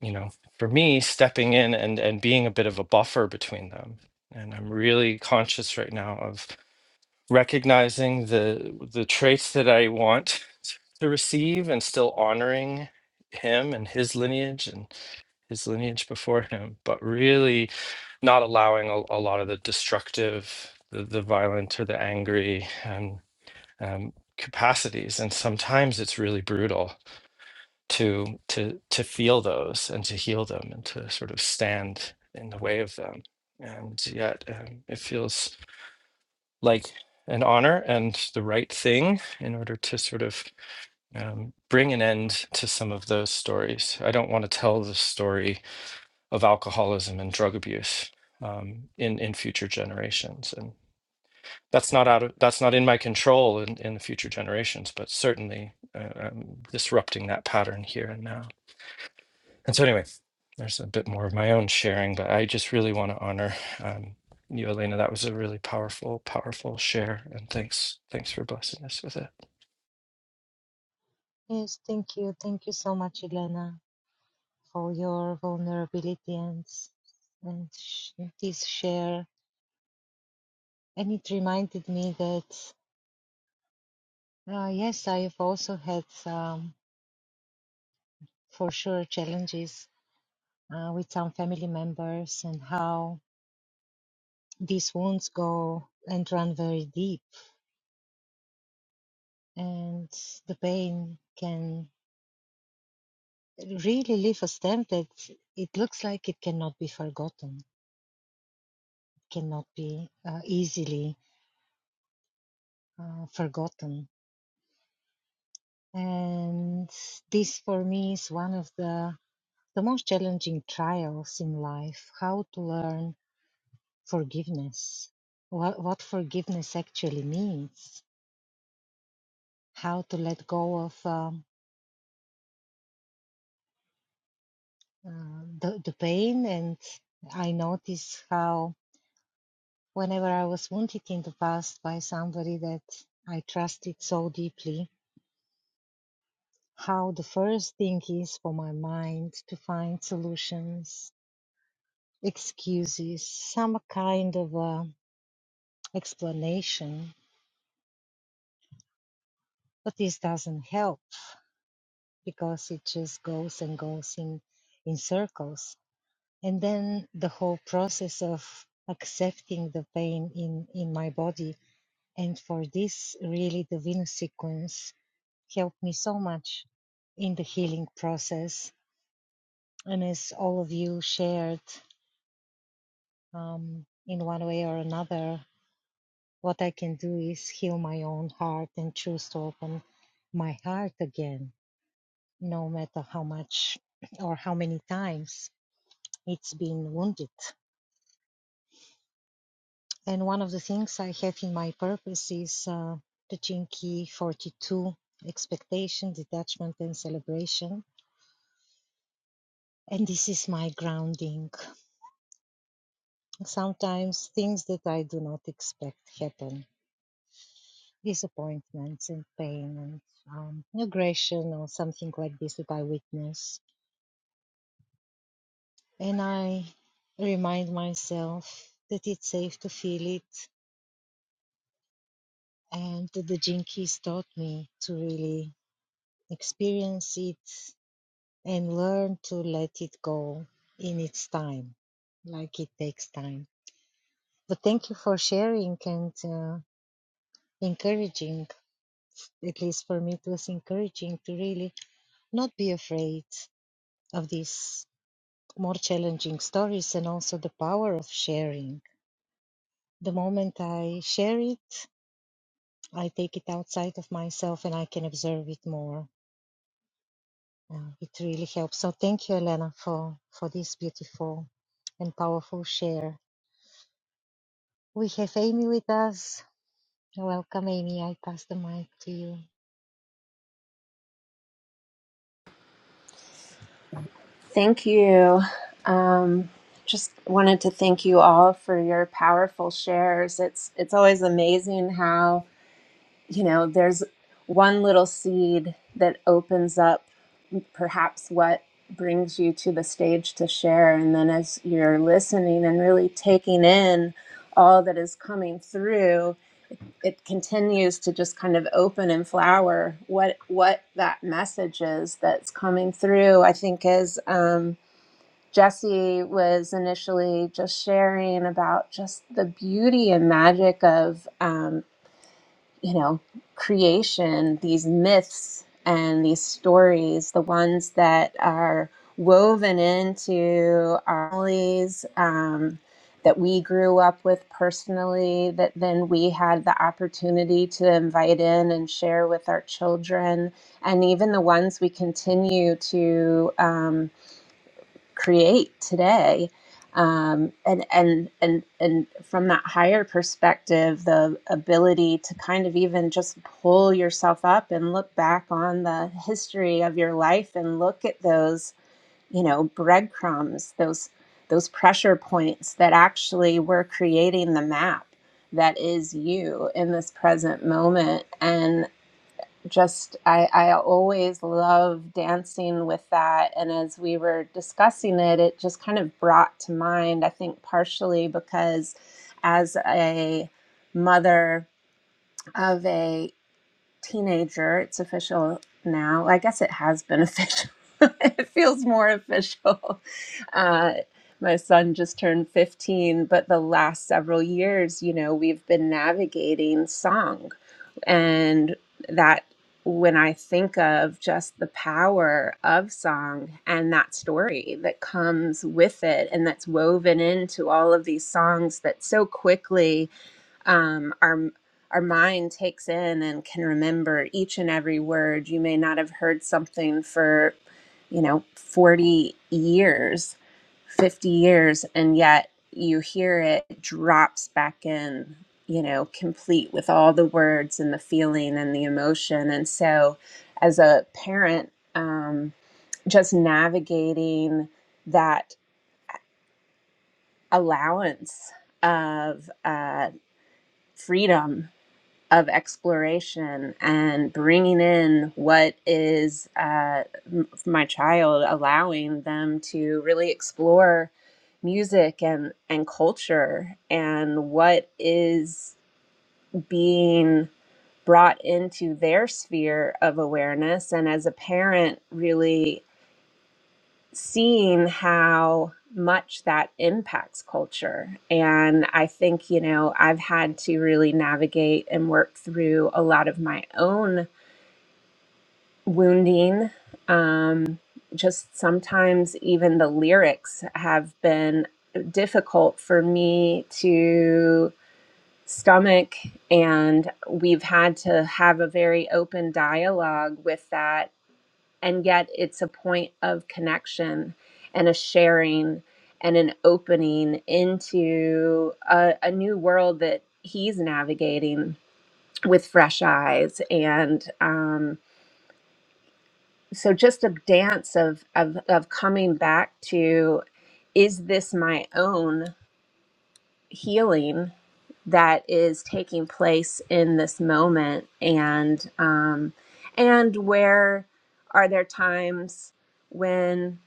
[SPEAKER 2] you know for me stepping in and and being a bit of a buffer between them and i'm really conscious right now of recognizing the the traits that i want to receive and still honoring him and his lineage and his lineage before him but really not allowing a, a lot of the destructive the, the violent or the angry and um, capacities and sometimes it's really brutal to to to feel those and to heal them and to sort of stand in the way of them and yet um, it feels like an honor and the right thing in order to sort of um, bring an end to some of those stories i don't want to tell the story of alcoholism and drug abuse um, in in future generations and that's not out of that's not in my control in, in the future generations but certainly uh, um, disrupting that pattern here and now And so, anyway, there's a bit more of my own sharing, but I just really want to honor um, you, Elena. That was a really powerful, powerful share, and thanks, thanks for blessing us with it.
[SPEAKER 1] Yes, thank you. Thank you so much, Elena. All your vulnerability and and sh- this share. And it reminded me that uh, yes, I have also had um, for sure challenges uh, with some family members and how these wounds go and run very deep, and the pain can really leave a stamp that it looks like it cannot be forgotten, cannot be uh, easily uh, forgotten And this for me is one of the, the most challenging trials in life, how to learn forgiveness, what, what forgiveness actually means, how to let go of um, uh, the, the pain. And I notice how whenever I was wounded in the past by somebody that I trusted so deeply, how the first thing is for my mind to find solutions, excuses, some kind of a explanation, but this doesn't help because it just goes and goes in in circles. And then the whole process of accepting the pain in in my body, and for this, really, the Venus sequence helped me so much in the healing process. And as all of you shared, um, in one way or another, what I can do is heal my own heart and choose to open my heart again no matter how much or how many times it's been wounded. And one of the things I have in my purpose is uh, teaching key 42 expectation, detachment, and celebration. And this is my grounding. Sometimes things that I do not expect happen disappointments and pain and um, aggression or something like this that I witness. And I remind myself that it's safe to feel it And the jinkies taught me to really experience it and learn to let it go in its time, like it takes time. But thank you for sharing and uh, encouraging, at least for me, it was encouraging to really not be afraid of these more challenging stories and also the power of sharing. The moment I share it, I take it outside of myself and I can observe it more Yeah, it really helps. So thank you, Elena, for, for this beautiful and powerful share. We have Amy with us. Welcome, Amy. I pass the mic to you.
[SPEAKER 5] Thank you. Um, just wanted to thank you all for your powerful shares. It's it's always amazing how you know there's one little seed that opens up perhaps what brings you to the stage to share, and then as you're listening and really taking in all that is coming through, it continues to just kind of open and flower what what that message is that's coming through. I think is. Um, Jesse was initially just sharing about just the beauty and magic of, um, you know, creation, these myths and these stories, the ones that are woven into our families um, that we grew up with personally, that then we had the opportunity to invite in and share with our children, and even the ones we continue to. Um, create today um, and and and and from that higher perspective the ability to kind of even just pull yourself up and look back on the history of your life and look at those you know breadcrumbs those those pressure points that actually were creating the map that is you in this present moment and just I, I always love dancing with that and as we were discussing it it just kind of brought to mind i think partially because as a mother of a teenager. It's official now. Well, I guess it has been official. it feels more official. Uh, my son just turned 15, but the last several years, you know, we've been navigating song. And that, when I think of just the power of song and that story that comes with it and that's woven into all of these songs that so quickly um, our our mind takes in and can remember each and every word. You may not have heard something for, you know, forty years, fifty years, and yet you hear it it drops back in. You know, complete with all the words and the feeling and the emotion. And so, as a parent, um, just navigating that allowance of uh, freedom of exploration and bringing in what is uh, m- my child, allowing them to really explore music and, and culture and what is being brought into their sphere of awareness. And as a parent, really seeing how much that impacts culture. And I think, you know, I've had to really navigate and work through a lot of my own wounding. Um, just sometimes even the lyrics have been difficult for me to stomach. And we've had to have a very open dialogue with that and yet it's a point of connection and a sharing and an opening into a, a new world that he's navigating with fresh eyes and um, so just a dance of, of of coming back to is this my own healing that is taking place in this moment and um and where are there times when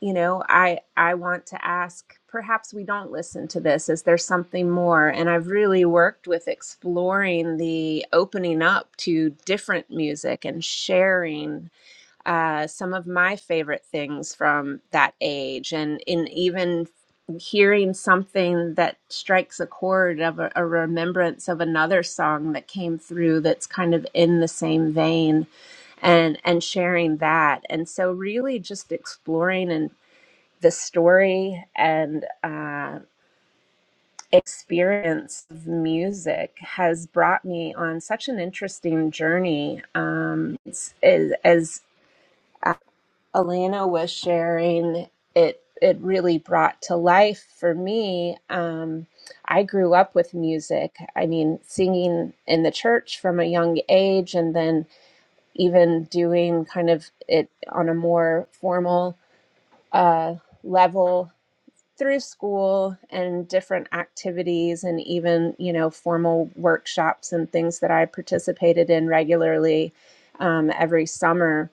[SPEAKER 5] you know i i want to ask perhaps we don't listen to this is there something more and i've really worked with exploring the opening up to different music and sharing uh, some of my favorite things from that age and in even hearing something that strikes a chord of a, a remembrance of another song that came through that's kind of in the same vein and and sharing that and so really just exploring and the story and uh, experience of music has brought me on such an interesting journey um, it's, as, as Alana was sharing, it it really brought to life for me. Um, I grew up with music. I mean, singing in the church from a young age, and then even doing kind of it on a more formal uh, level through school and different activities, and even you know formal workshops and things that I participated in regularly um, every summer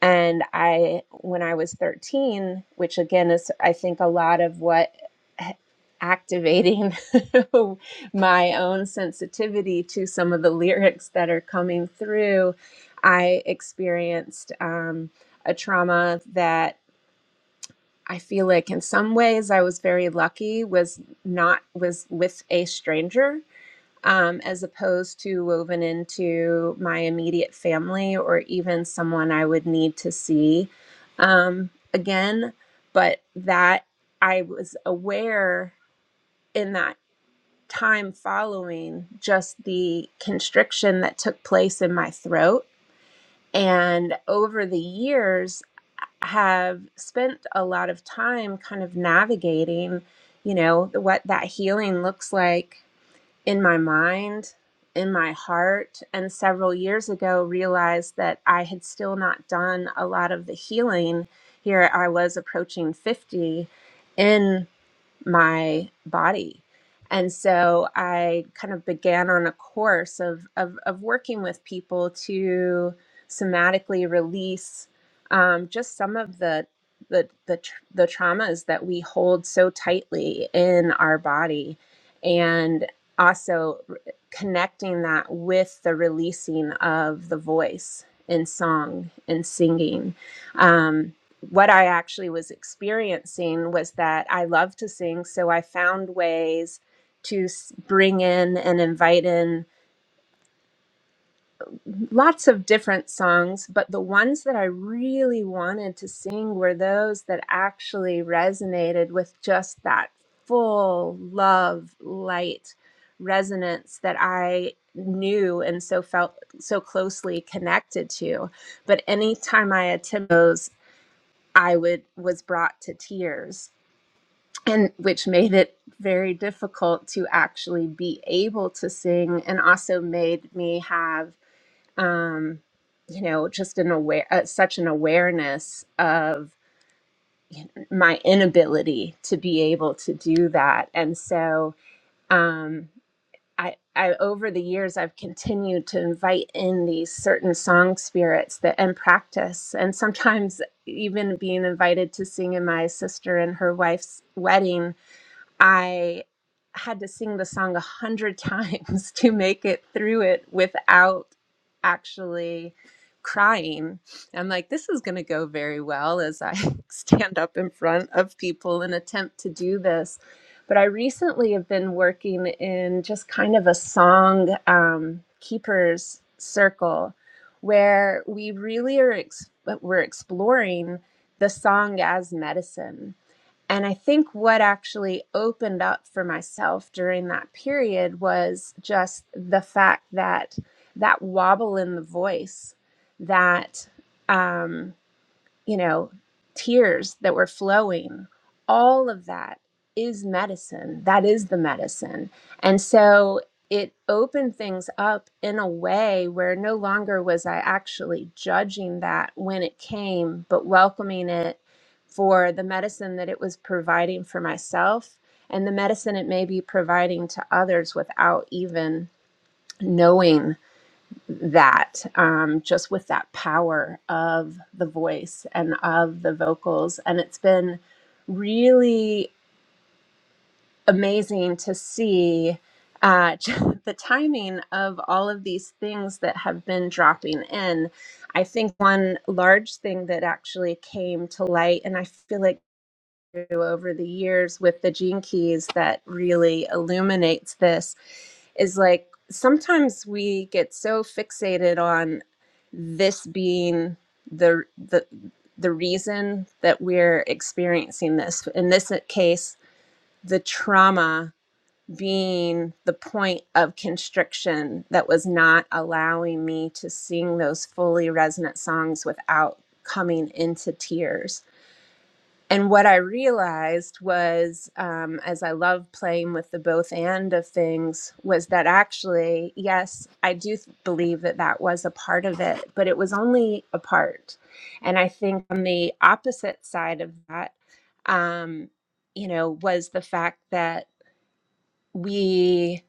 [SPEAKER 5] and I, when I was 13, which again is, I think, a lot of what activating my own sensitivity to some of the lyrics that are coming through, I experienced um, a trauma that I feel like in some ways I was very lucky was not was with a stranger um, as opposed to woven into my immediate family or even someone I would need to see um, again. But that I was aware in that time following just the constriction that took place in my throat. And over the years, have spent a lot of time kind of navigating, you know, what that healing looks like in my mind, in my heart, and several years ago realized that I had still not done a lot of the healing. Here I was approaching 50 in my body. And so I kind of began on a course of, of, of working with people to somatically release um, just some of the the the, tr- the traumas that we hold so tightly in our body, and also r- connecting that with the releasing of the voice in song and singing. Um, what I actually was experiencing was that I love to sing, so I found ways to s- bring in and invite in lots of different songs, but the ones that I really wanted to sing were those that actually resonated with just that full love, light resonance that I knew and so felt so closely connected to. But anytime I attended those, I would was brought to tears and which made it very difficult to actually be able to sing and also made me have um you know just an aware uh, such an awareness of you know, my inability to be able to do that and so um I, I over the years I've continued to invite in these certain song spirits that and practice and sometimes even being invited to sing in my sister and her wife's wedding I had to sing the song a hundred times to make it through it without actually crying. I'm like, this is going to go very well as I stand up in front of people and attempt to do this. But I recently have been working in just kind of a song um, keepers circle where we really are ex- we're exploring the song as medicine and I think what actually opened up for myself during that period was just the fact that that wobble in the voice, that um, you know, tears that were flowing, all of that is medicine. That is the medicine. And so it opened things up in a way where no longer was I actually judging that when it came, but welcoming it for the medicine that it was providing for myself and the medicine it may be providing to others without even knowing that um, just with that power of the voice and of the vocals. And it's been really amazing to see uh, just the timing of all of these things that have been dropping in. I think one large thing that actually came to light, and I feel like through over the years with the gene keys that really illuminates this is like sometimes we get so fixated on this being the the the reason that we're experiencing this in this case the trauma being the point of constriction that was not allowing me to sing those fully resonant songs without coming into tears and what I realized was, um, as I love playing with the both and of things, was that actually, yes, I do th- believe that that was a part of it, but it was only a part. And I think on the opposite side of that, um, you know, was the fact that we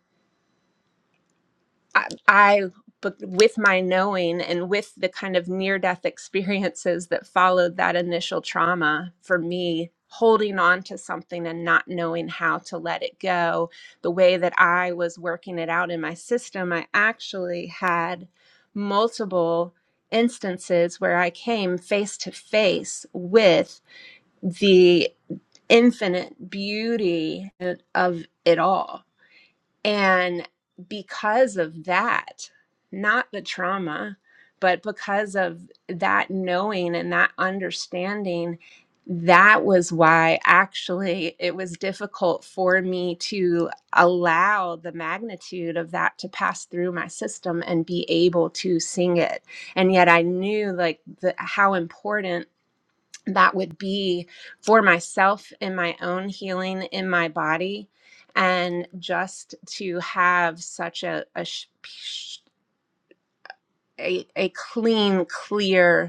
[SPEAKER 5] I, I but with my knowing and with the kind of near death experiences that followed that initial trauma for me holding on to something and not knowing how to let it go the way that i was working it out in my system i actually had multiple instances where i came face to face with the infinite beauty of it all and because of that, not the trauma, but because of that knowing and that understanding, that was why actually it was difficult for me to allow the magnitude of that to pass through my system and be able to sing it. And yet I knew like the, how important that would be for myself in my own healing in my body and just to have such a a, sh- sh- a, a clean clear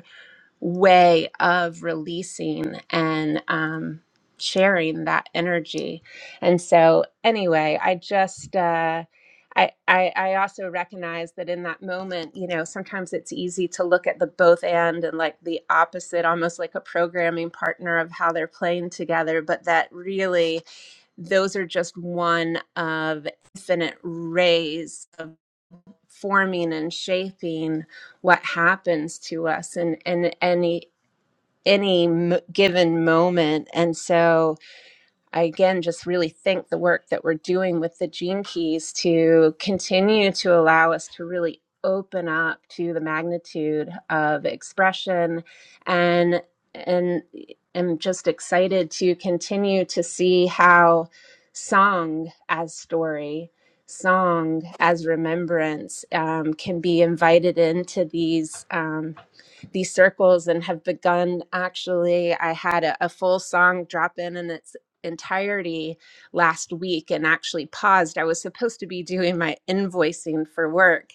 [SPEAKER 5] way of releasing and um, sharing that energy. And so, anyway, I just. Uh, I, I, I also recognize that in that moment, you know, sometimes it's easy to look at the both and and like the opposite, almost like a programming partner of how they're playing together, but that really those are just one of infinite rays of forming and shaping what happens to us in, in any any m- given moment. And so I again just really think the work that we're doing with the gene keys to continue to allow us to really open up to the magnitude of expression and and am just excited to continue to see how song as story song as remembrance um, can be invited into these um, these circles and have begun actually i had a, a full song drop in in its entirety last week and actually paused i was supposed to be doing my invoicing for work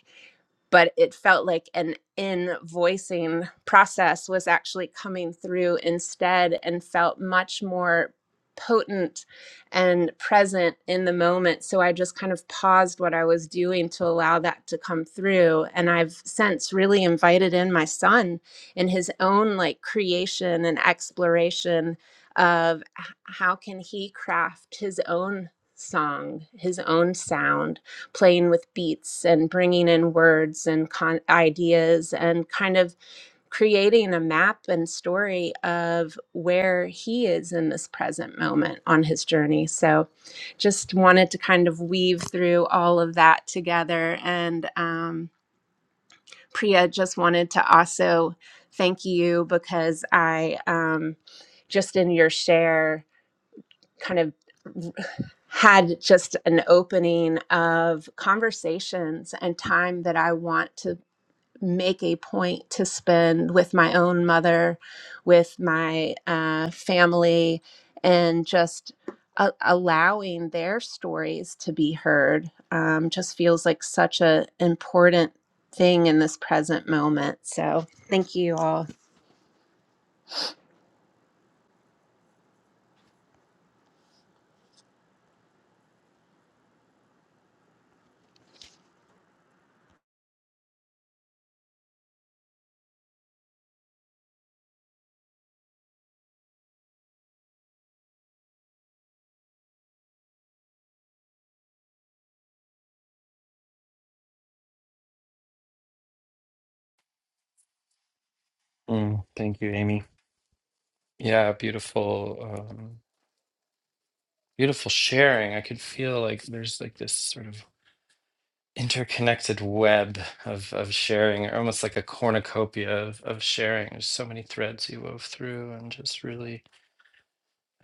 [SPEAKER 5] but it felt like an invoicing process was actually coming through instead and felt much more potent and present in the moment so i just kind of paused what i was doing to allow that to come through and i've since really invited in my son in his own like creation and exploration of h- how can he craft his own song his own sound playing with beats and bringing in words and con- ideas and kind of creating a map and story of where he is in this present moment on his journey. So just wanted to kind of weave through all of that together. And um, Priya just wanted to also thank you because I. Um, just in your share kind of had just an opening of conversations and time that I want to make a point to spend with my own mother, with my uh, family, and just a- allowing their stories to be heard um, just feels like such an important thing in this present moment. So, thank you all.
[SPEAKER 2] Mm, thank you, Amy. Yeah, beautiful, um, beautiful sharing. I could feel like there's like this sort of interconnected web of of sharing, or almost like a cornucopia of of sharing. There's so many threads you wove through, and just really,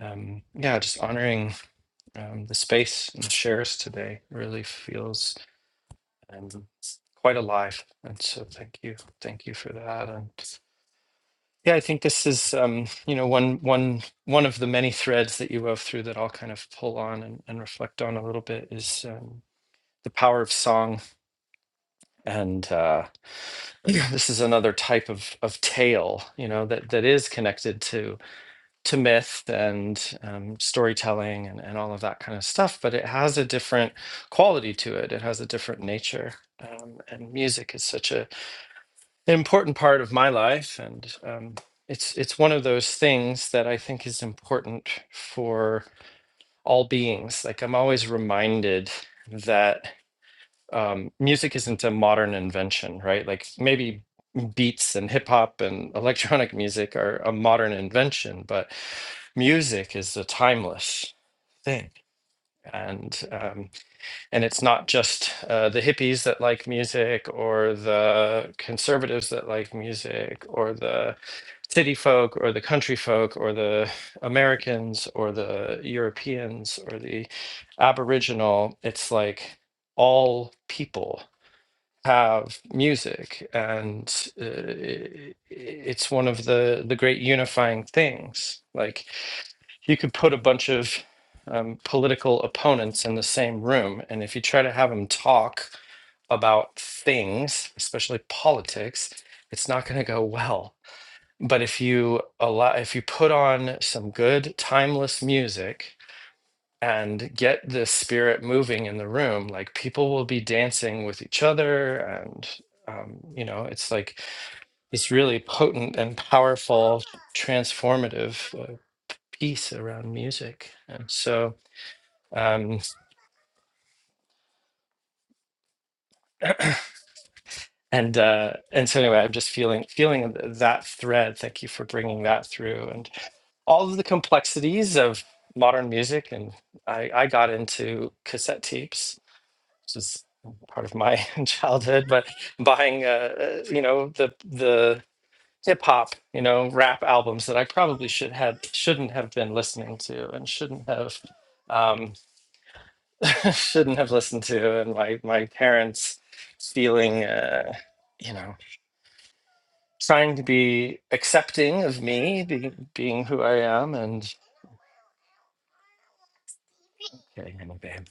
[SPEAKER 2] um, yeah, just honoring. um, the space and the shares today really feels um, quite alive. And so thank you, thank you for that. And yeah, I think this is um, you know one one one of the many threads that you wove through that I'll kind of pull on and, and reflect on a little bit is um, the power of song. And uh, this is another type of of tale, you know, that that is connected to myth and um, storytelling and, and all of that kind of stuff, but it has a different quality to it. It has a different nature. Um, and music is such a, an important part of my life. And um, it's, it's one of those things that I think is important for all beings. Like I'm always reminded that um, music isn't a modern invention, right? Like maybe beats and hip hop and electronic music are a modern invention, but music is a timeless thing. And um, and it's not just uh, the hippies that like music, or the conservatives that like music, or the city folk, or the country folk, or the Americans, or the Europeans, or the Aboriginal. It's like all people have music and uh, i- i- it's one of the the great unifying things like you could put a bunch of um, political opponents in the same room and if you try to have them talk about things especially politics it's not going to go well but if you allow if you put on some good timeless music and get the spirit moving in the room like people will be dancing with each other and um, you know it's like this really potent and powerful transformative uh, piece around music and so um and uh and so anyway i'm just feeling feeling th- that thread thank you for bringing that through and all of the complexities of modern music and i i got into cassette tapes which is part of my childhood, but buying, uh, uh, you know, the the hip hop, you know, rap albums that I probably should had shouldn't have been listening to and shouldn't have um, shouldn't have listened to, and my my parents feeling, uh, you know, trying to be accepting of me being being who I am, and getting in a band.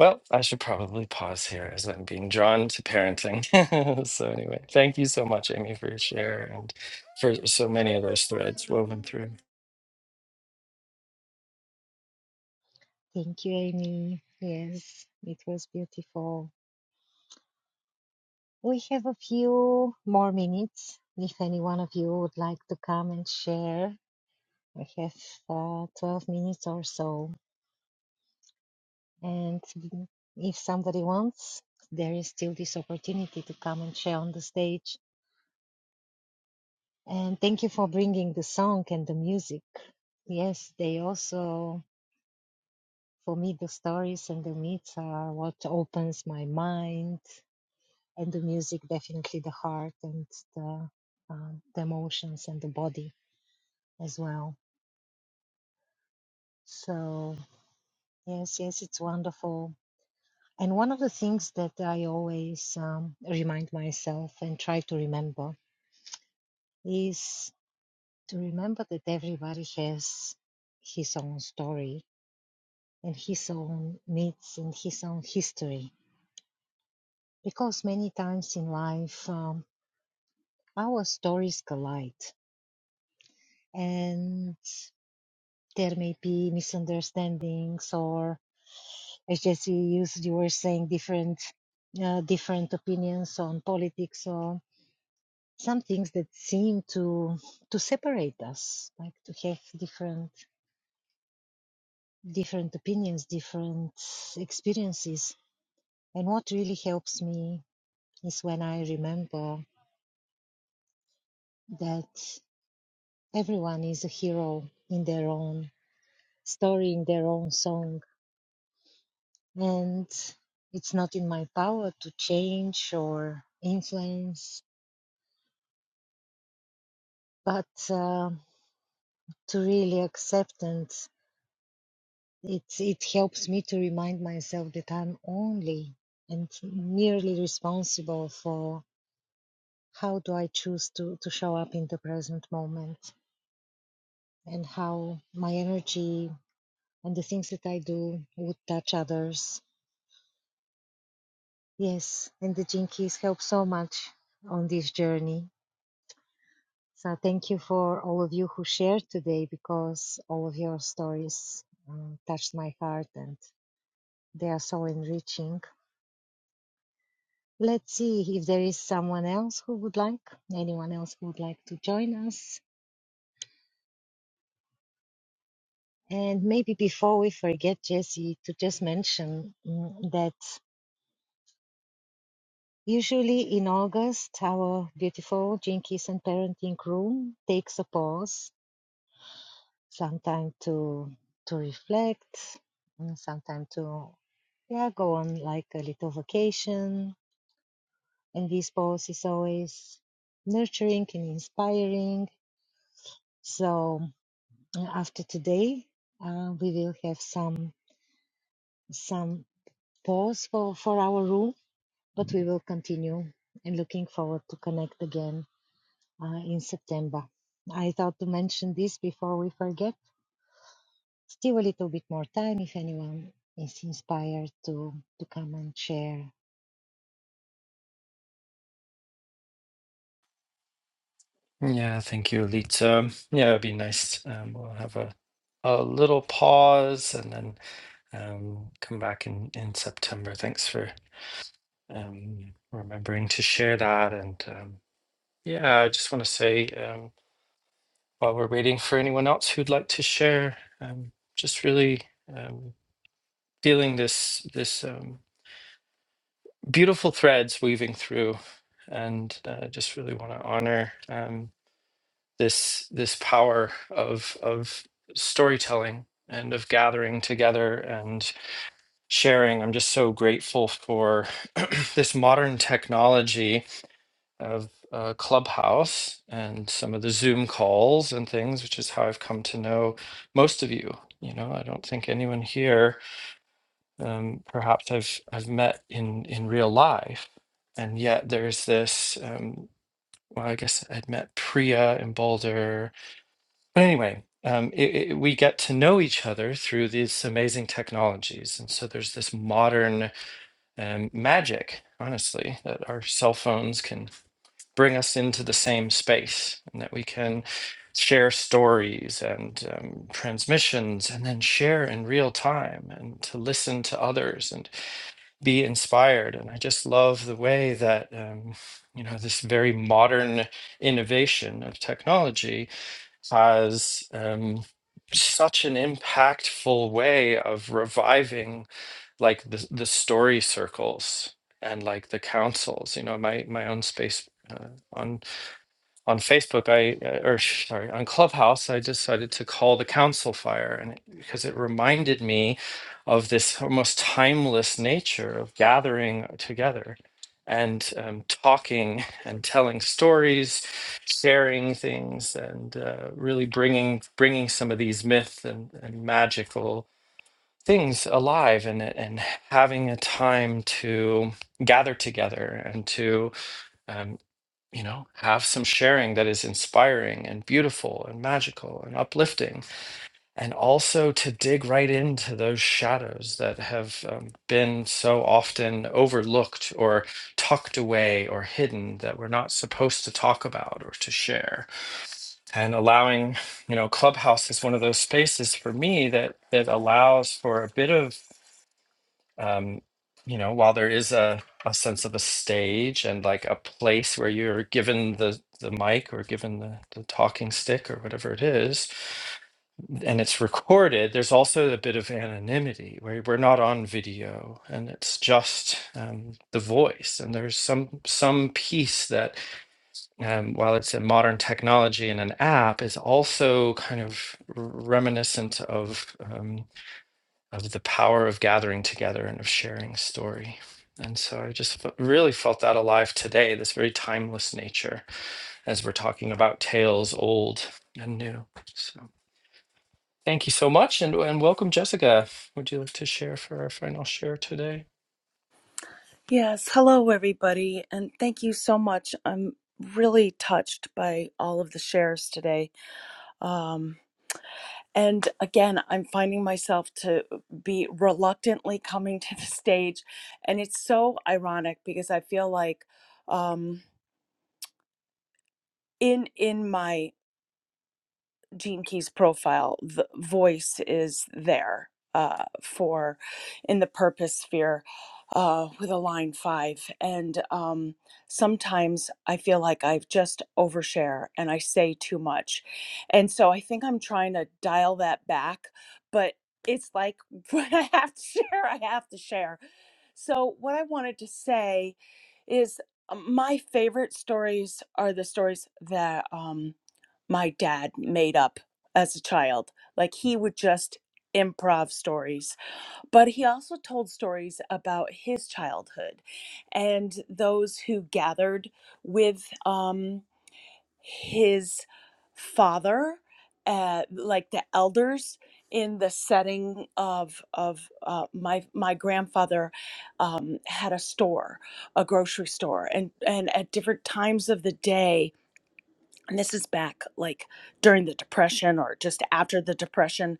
[SPEAKER 2] Well, I should probably pause here as I'm being drawn to parenting. so, anyway, thank you so much, Amy, for your share and for so many of those threads woven through.
[SPEAKER 1] Thank you, Amy. Yes, it was beautiful. We have a few more minutes. If any one of you would like to come and share, we have uh, 12 minutes or so. And if somebody wants, there is still this opportunity to come and share on the stage And thank you for bringing the song and the music. Yes, they also, for me, the stories and the myths are what opens my mind, and the music definitely the heart and the, uh, the emotions and the body as well. So, yes, yes, it's wonderful. And one of the things that I always um, remind myself and try to remember is to remember that everybody has his own story and his own myths and his own history. Because many times in life, um, our stories collide and there may be misunderstandings or as Jesse used, you were saying different, uh, different opinions on politics or some things that seem to, to separate us, like to have different, different opinions, different experiences. And what really helps me is when I remember that everyone is a hero in their own story, in their own song. And it's not in my power to change or influence, but uh, to really accept and it, it helps me to remind myself that I'm only and merely responsible for how do I choose to, to show up in the present moment and how my energy and the things that I do would touch others Yes, and the Jinkies help so much on this journey. So thank you for all of you who shared today because all of your stories um, touched my heart and they are so enriching. Let's see if there is someone else who would like, anyone else who would like to join us. And maybe before we forget, Jesse, to just mention mm, that usually in August, our beautiful Jinkies and Parenting Room takes a pause sometime to to reflect and sometime to yeah go on like a little vacation and this boss is always nurturing and inspiring so uh, after today uh, we will have some some pause for for our room but we will continue and looking forward to connect again uh, in september i thought to mention this before we forget still a little bit more time if anyone is inspired to to come and share.
[SPEAKER 2] Yeah, thank you, Alita. Yeah, it'd be nice. Um, we'll have a, a little pause and then um, come back in, in September. Thanks for um, remembering to share that. And um, yeah, I just want to say um, while we're waiting for anyone else who'd like to share, um, just really. Um, feeling this this um, beautiful threads weaving through, and uh, just really want to honor um, this this power of of storytelling and of gathering together and sharing. I'm just so grateful for this modern technology of uh, Clubhouse and some of the Zoom calls and things, which is how I've come to know most of you. You know, I don't think anyone here um, perhaps I've I've met in in real life, and yet there's this. Um, well, I guess I'd met Priya in Boulder, but anyway, um, it, it, we get to know each other through these amazing technologies, and so there's this modern um, magic, honestly, that our cell phones can bring us into the same space, and that we can share stories and um, transmissions and then share in real time and to listen to others and be inspired. And I just love the way that, um, you know, this very modern innovation of technology has um, such an impactful way of reviving like the, the story circles and like the councils, you know, my, my own space. Uh, on on Facebook, I uh, or sorry, on Clubhouse, I decided to call the council fire, and it, because it reminded me of this almost timeless nature of gathering together and um, talking and telling stories, sharing things, and uh, really bringing bringing some of these myths and, and magical things alive, and and having a time to gather together and to um, you know, have some sharing that is inspiring and beautiful and magical and uplifting, and also to dig right into those shadows that have um, been so often overlooked or tucked away or hidden that we're not supposed to talk about or to share. And allowing, you know, Clubhouse is one of those spaces for me that that allows for a bit of um, you know, while there is a, a sense of a stage and like a place where you're given the, the mic or given the, the talking stick or whatever it is, and it's recorded, there's also a bit of anonymity where we're not on video and it's just um, the voice. And there's some some piece that, um, while it's a modern technology and an app, is also kind of reminiscent of. um, of the power of gathering together and of sharing story. And so I just fe- really felt that alive today, this very timeless nature as we're talking about tales old and new. So thank you so much and, and welcome, Jessica. Would you like to share for our final share today?
[SPEAKER 6] Yes, hello everybody, and thank you so much. I'm really touched by all of the shares today. Um, and again, I'm finding myself to be reluctantly coming to the stage, and it's so ironic because I feel like um, in in my Gene Key's profile, the voice is there uh, for in the purpose sphere uh, with a line five. And um, sometimes I feel like I've just overshare and I say too much. And so I think I'm trying to dial that back, but it's like when I have to share, I have to share. So what I wanted to say is uh, my favorite stories are the stories that. Um, my dad made up as a child. Like he would just improv stories, but he also told stories about his childhood and those who gathered with um, his father, uh, like the elders in the setting of of uh, my my grandfather um, had a store, a grocery store, and and at different times of the day and this is back like during the depression or just after the depression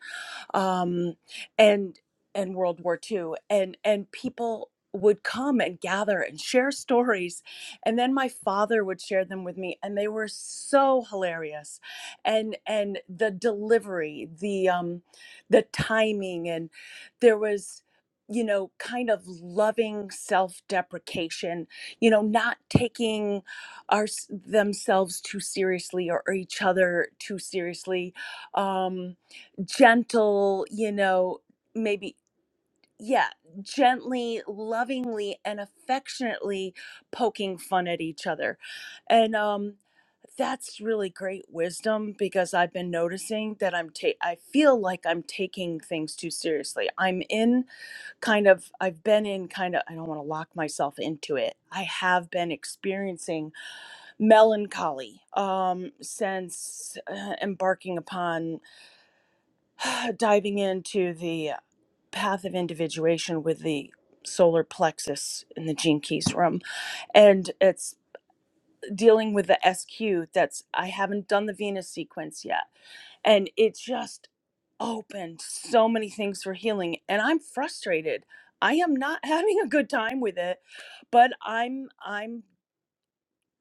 [SPEAKER 6] um, and and World War Two and and people would come and gather and share stories, and then my father would share them with me, and they were so hilarious, and and the delivery, the um, the timing, and there was you know kind of loving self-deprecation you know not taking our themselves too seriously or, or each other too seriously um gentle, you know, maybe, yeah, gently, lovingly, and affectionately poking fun at each other. And um, that's really great wisdom because I've been noticing that I'm ta- I feel like I'm taking things too seriously. I'm in kind of I've been in kind of I don't want to lock myself into it. I have been experiencing melancholy um since uh, embarking upon diving into the path of individuation with the solar plexus in the gene keys room and it's dealing with the sq that's i haven't done the venus sequence yet and it just opened so many things for healing and i'm frustrated i am not having a good time with it but i'm i'm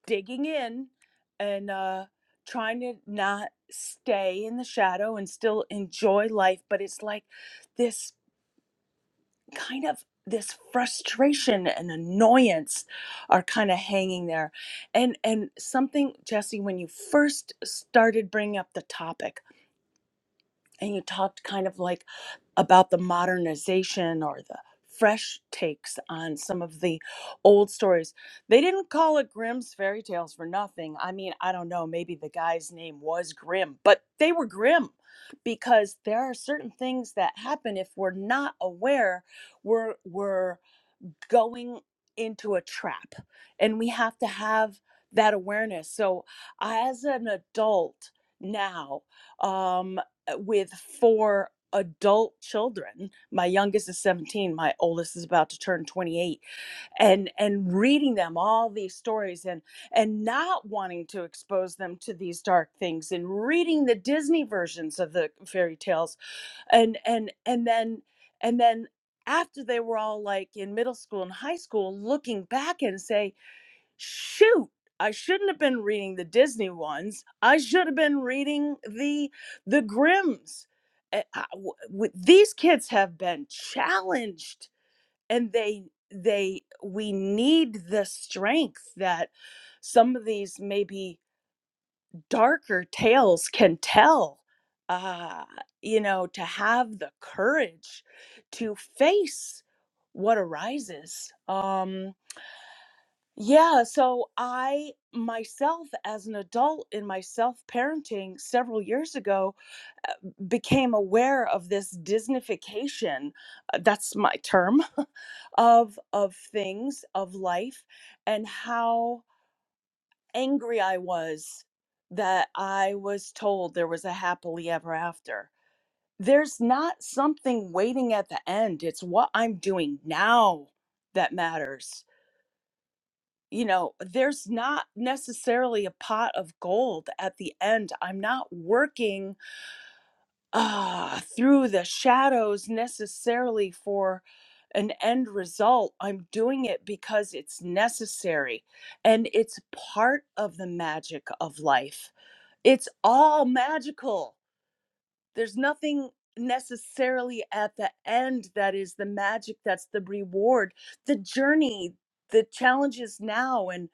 [SPEAKER 6] digging in and uh trying to not stay in the shadow and still enjoy life but it's like this kind of this frustration and annoyance are kind of hanging there and and something jesse when you first started bringing up the topic and you talked kind of like about the modernization or the fresh takes on some of the old stories. They didn't call it Grimm's fairy tales for nothing. I mean, I don't know, maybe the guy's name was Grimm, but they were grim because there are certain things that happen if we're not aware, we're we're going into a trap and we have to have that awareness so as an adult now um uh, with four adult children my youngest is 17 my oldest is about to turn 28 and and reading them all these stories and and not wanting to expose them to these dark things and reading the disney versions of the fairy tales and and and then and then after they were all like in middle school and high school looking back and say shoot i shouldn't have been reading the disney ones i should have been reading the the grims Uh, I- w- w- these kids have been challenged and they they we need the strength that some of these maybe darker tales can tell uh you know to have the courage to face what arises um yeah so i myself as an adult in my self parenting several years ago uh, became aware of this disnification uh, that's my term of of things of life and how angry I was that I was told there was a happily ever after. There's not something waiting at the end. It's what I'm doing now that matters. You know, there's not necessarily a pot of gold at the end. I'm not working uh, through the shadows necessarily for an end result. I'm doing it because it's necessary and it's part of the magic of life it's all magical. There's nothing necessarily at the end that is the magic, that's the reward, the journey, the challenges now. and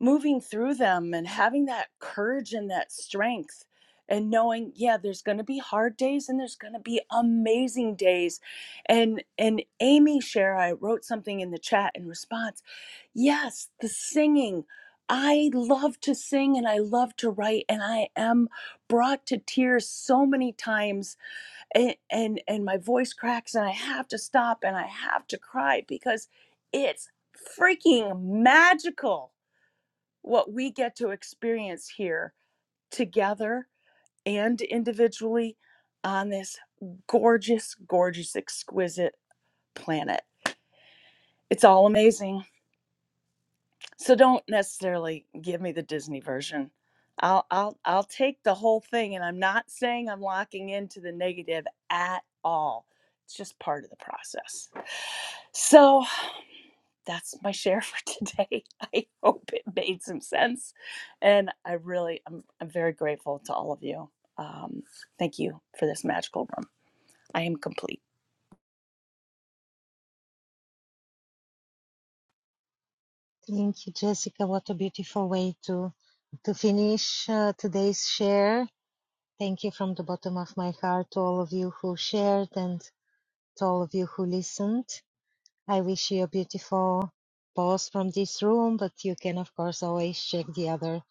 [SPEAKER 6] moving through them and having that courage and that strength and knowing yeah there's going to be hard days and there's going to be amazing days and and amy share i wrote something in the chat in response yes the singing i love to sing and i love to write and i am brought to tears so many times and and, and my voice cracks and i have to stop and i have to cry because it's freaking magical what we get to experience here together and individually on this gorgeous, gorgeous, exquisite planet. It's all amazing. So don't necessarily give me the Disney version. I'll I'll I'll take the whole thing and I'm not saying I'm locking into the negative at all. It's just part of the process. So that's my share for today. I hope it made some sense. And I really, I'm, I'm very grateful to all of you. Um, thank you for this magical room. I am complete.
[SPEAKER 1] Thank you, Jessica. What a beautiful way to to finish uh, today's share. Thank you from the bottom of my heart to all of you who shared and to all of you who listened. I wish you a beautiful pause from this room, but you can of course always check the other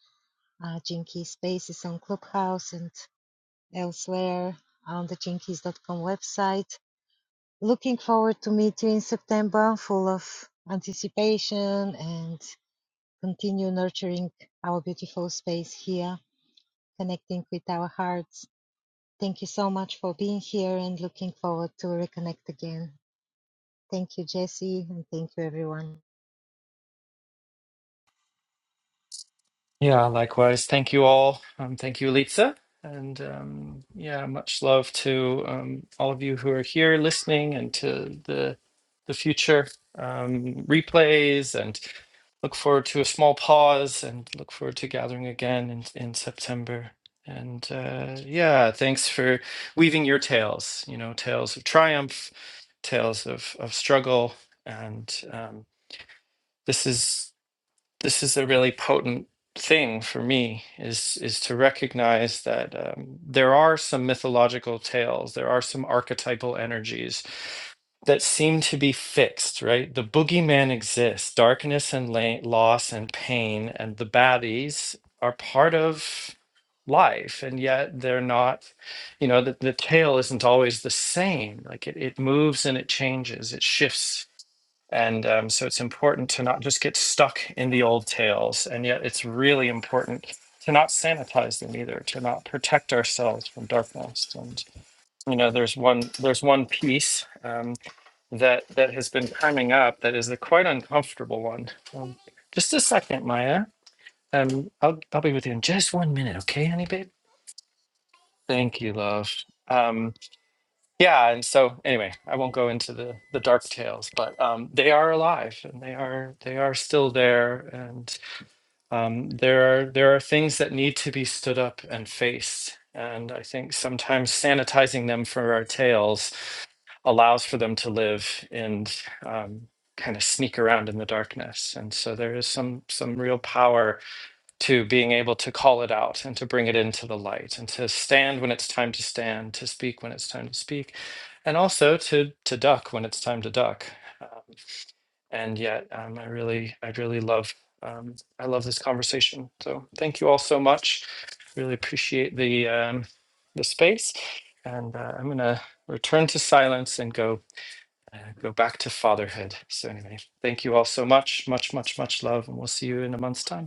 [SPEAKER 1] uh, Jinkies spaces on Clubhouse and elsewhere on the jinkies.com website Looking forward to meet you in September, full of anticipation and continue nurturing our beautiful space here, connecting with our hearts. Thank you so much for being here and looking forward to reconnect again. Thank you, Jesse, and thank you, everyone.
[SPEAKER 2] Yeah, likewise. Thank you all. Um, thank you, Litsa. And um, yeah, much love to um, all of you who are here listening and to the the future um, replays and look forward to a small pause and look forward to gathering again in, in September. And uh, yeah, thanks for weaving your tales, you know, tales of triumph, tales of, of struggle. And um, this is this is a really potent thing for me is is to recognize that um, there are some mythological tales there are some archetypal energies that seem to be fixed right the boogeyman exists darkness and la- loss and pain and the baddies are part of life and yet they're not you know the, the tale isn't always the same like it, it moves and it changes it shifts and um, so it's important to not just get stuck in the old tales. And yet it's really important to not sanitize them either, to not protect ourselves from darkness. And, you know, there's one, there's one piece um, that, that has been coming up that is a quite uncomfortable one. Um, just a second, Maya. Um, I'll, I'll be with you in just one minute. Okay, honey, babe? Thank you, love. Um, yeah and so anyway i won't go into the the dark tales but um they are alive and they are they are still there and um there are there are things that need to be stood up and faced and i think sometimes sanitizing them for our tales allows for them to live and um kind of sneak around in the darkness and so there is some some real power to being able to call it out and to bring it into the light and to stand when it's time to stand, to speak when it's time to speak, and also to to duck when it's time to duck. Um, and yet, um, I really, I really love, um, I love this conversation. So thank you all so much. Really appreciate the um, the space, and uh, I'm gonna return to silence and go. Uh, go back to fatherhood. So, anyway, thank you all so much. Much, much, much love. And we'll see you in a month's time.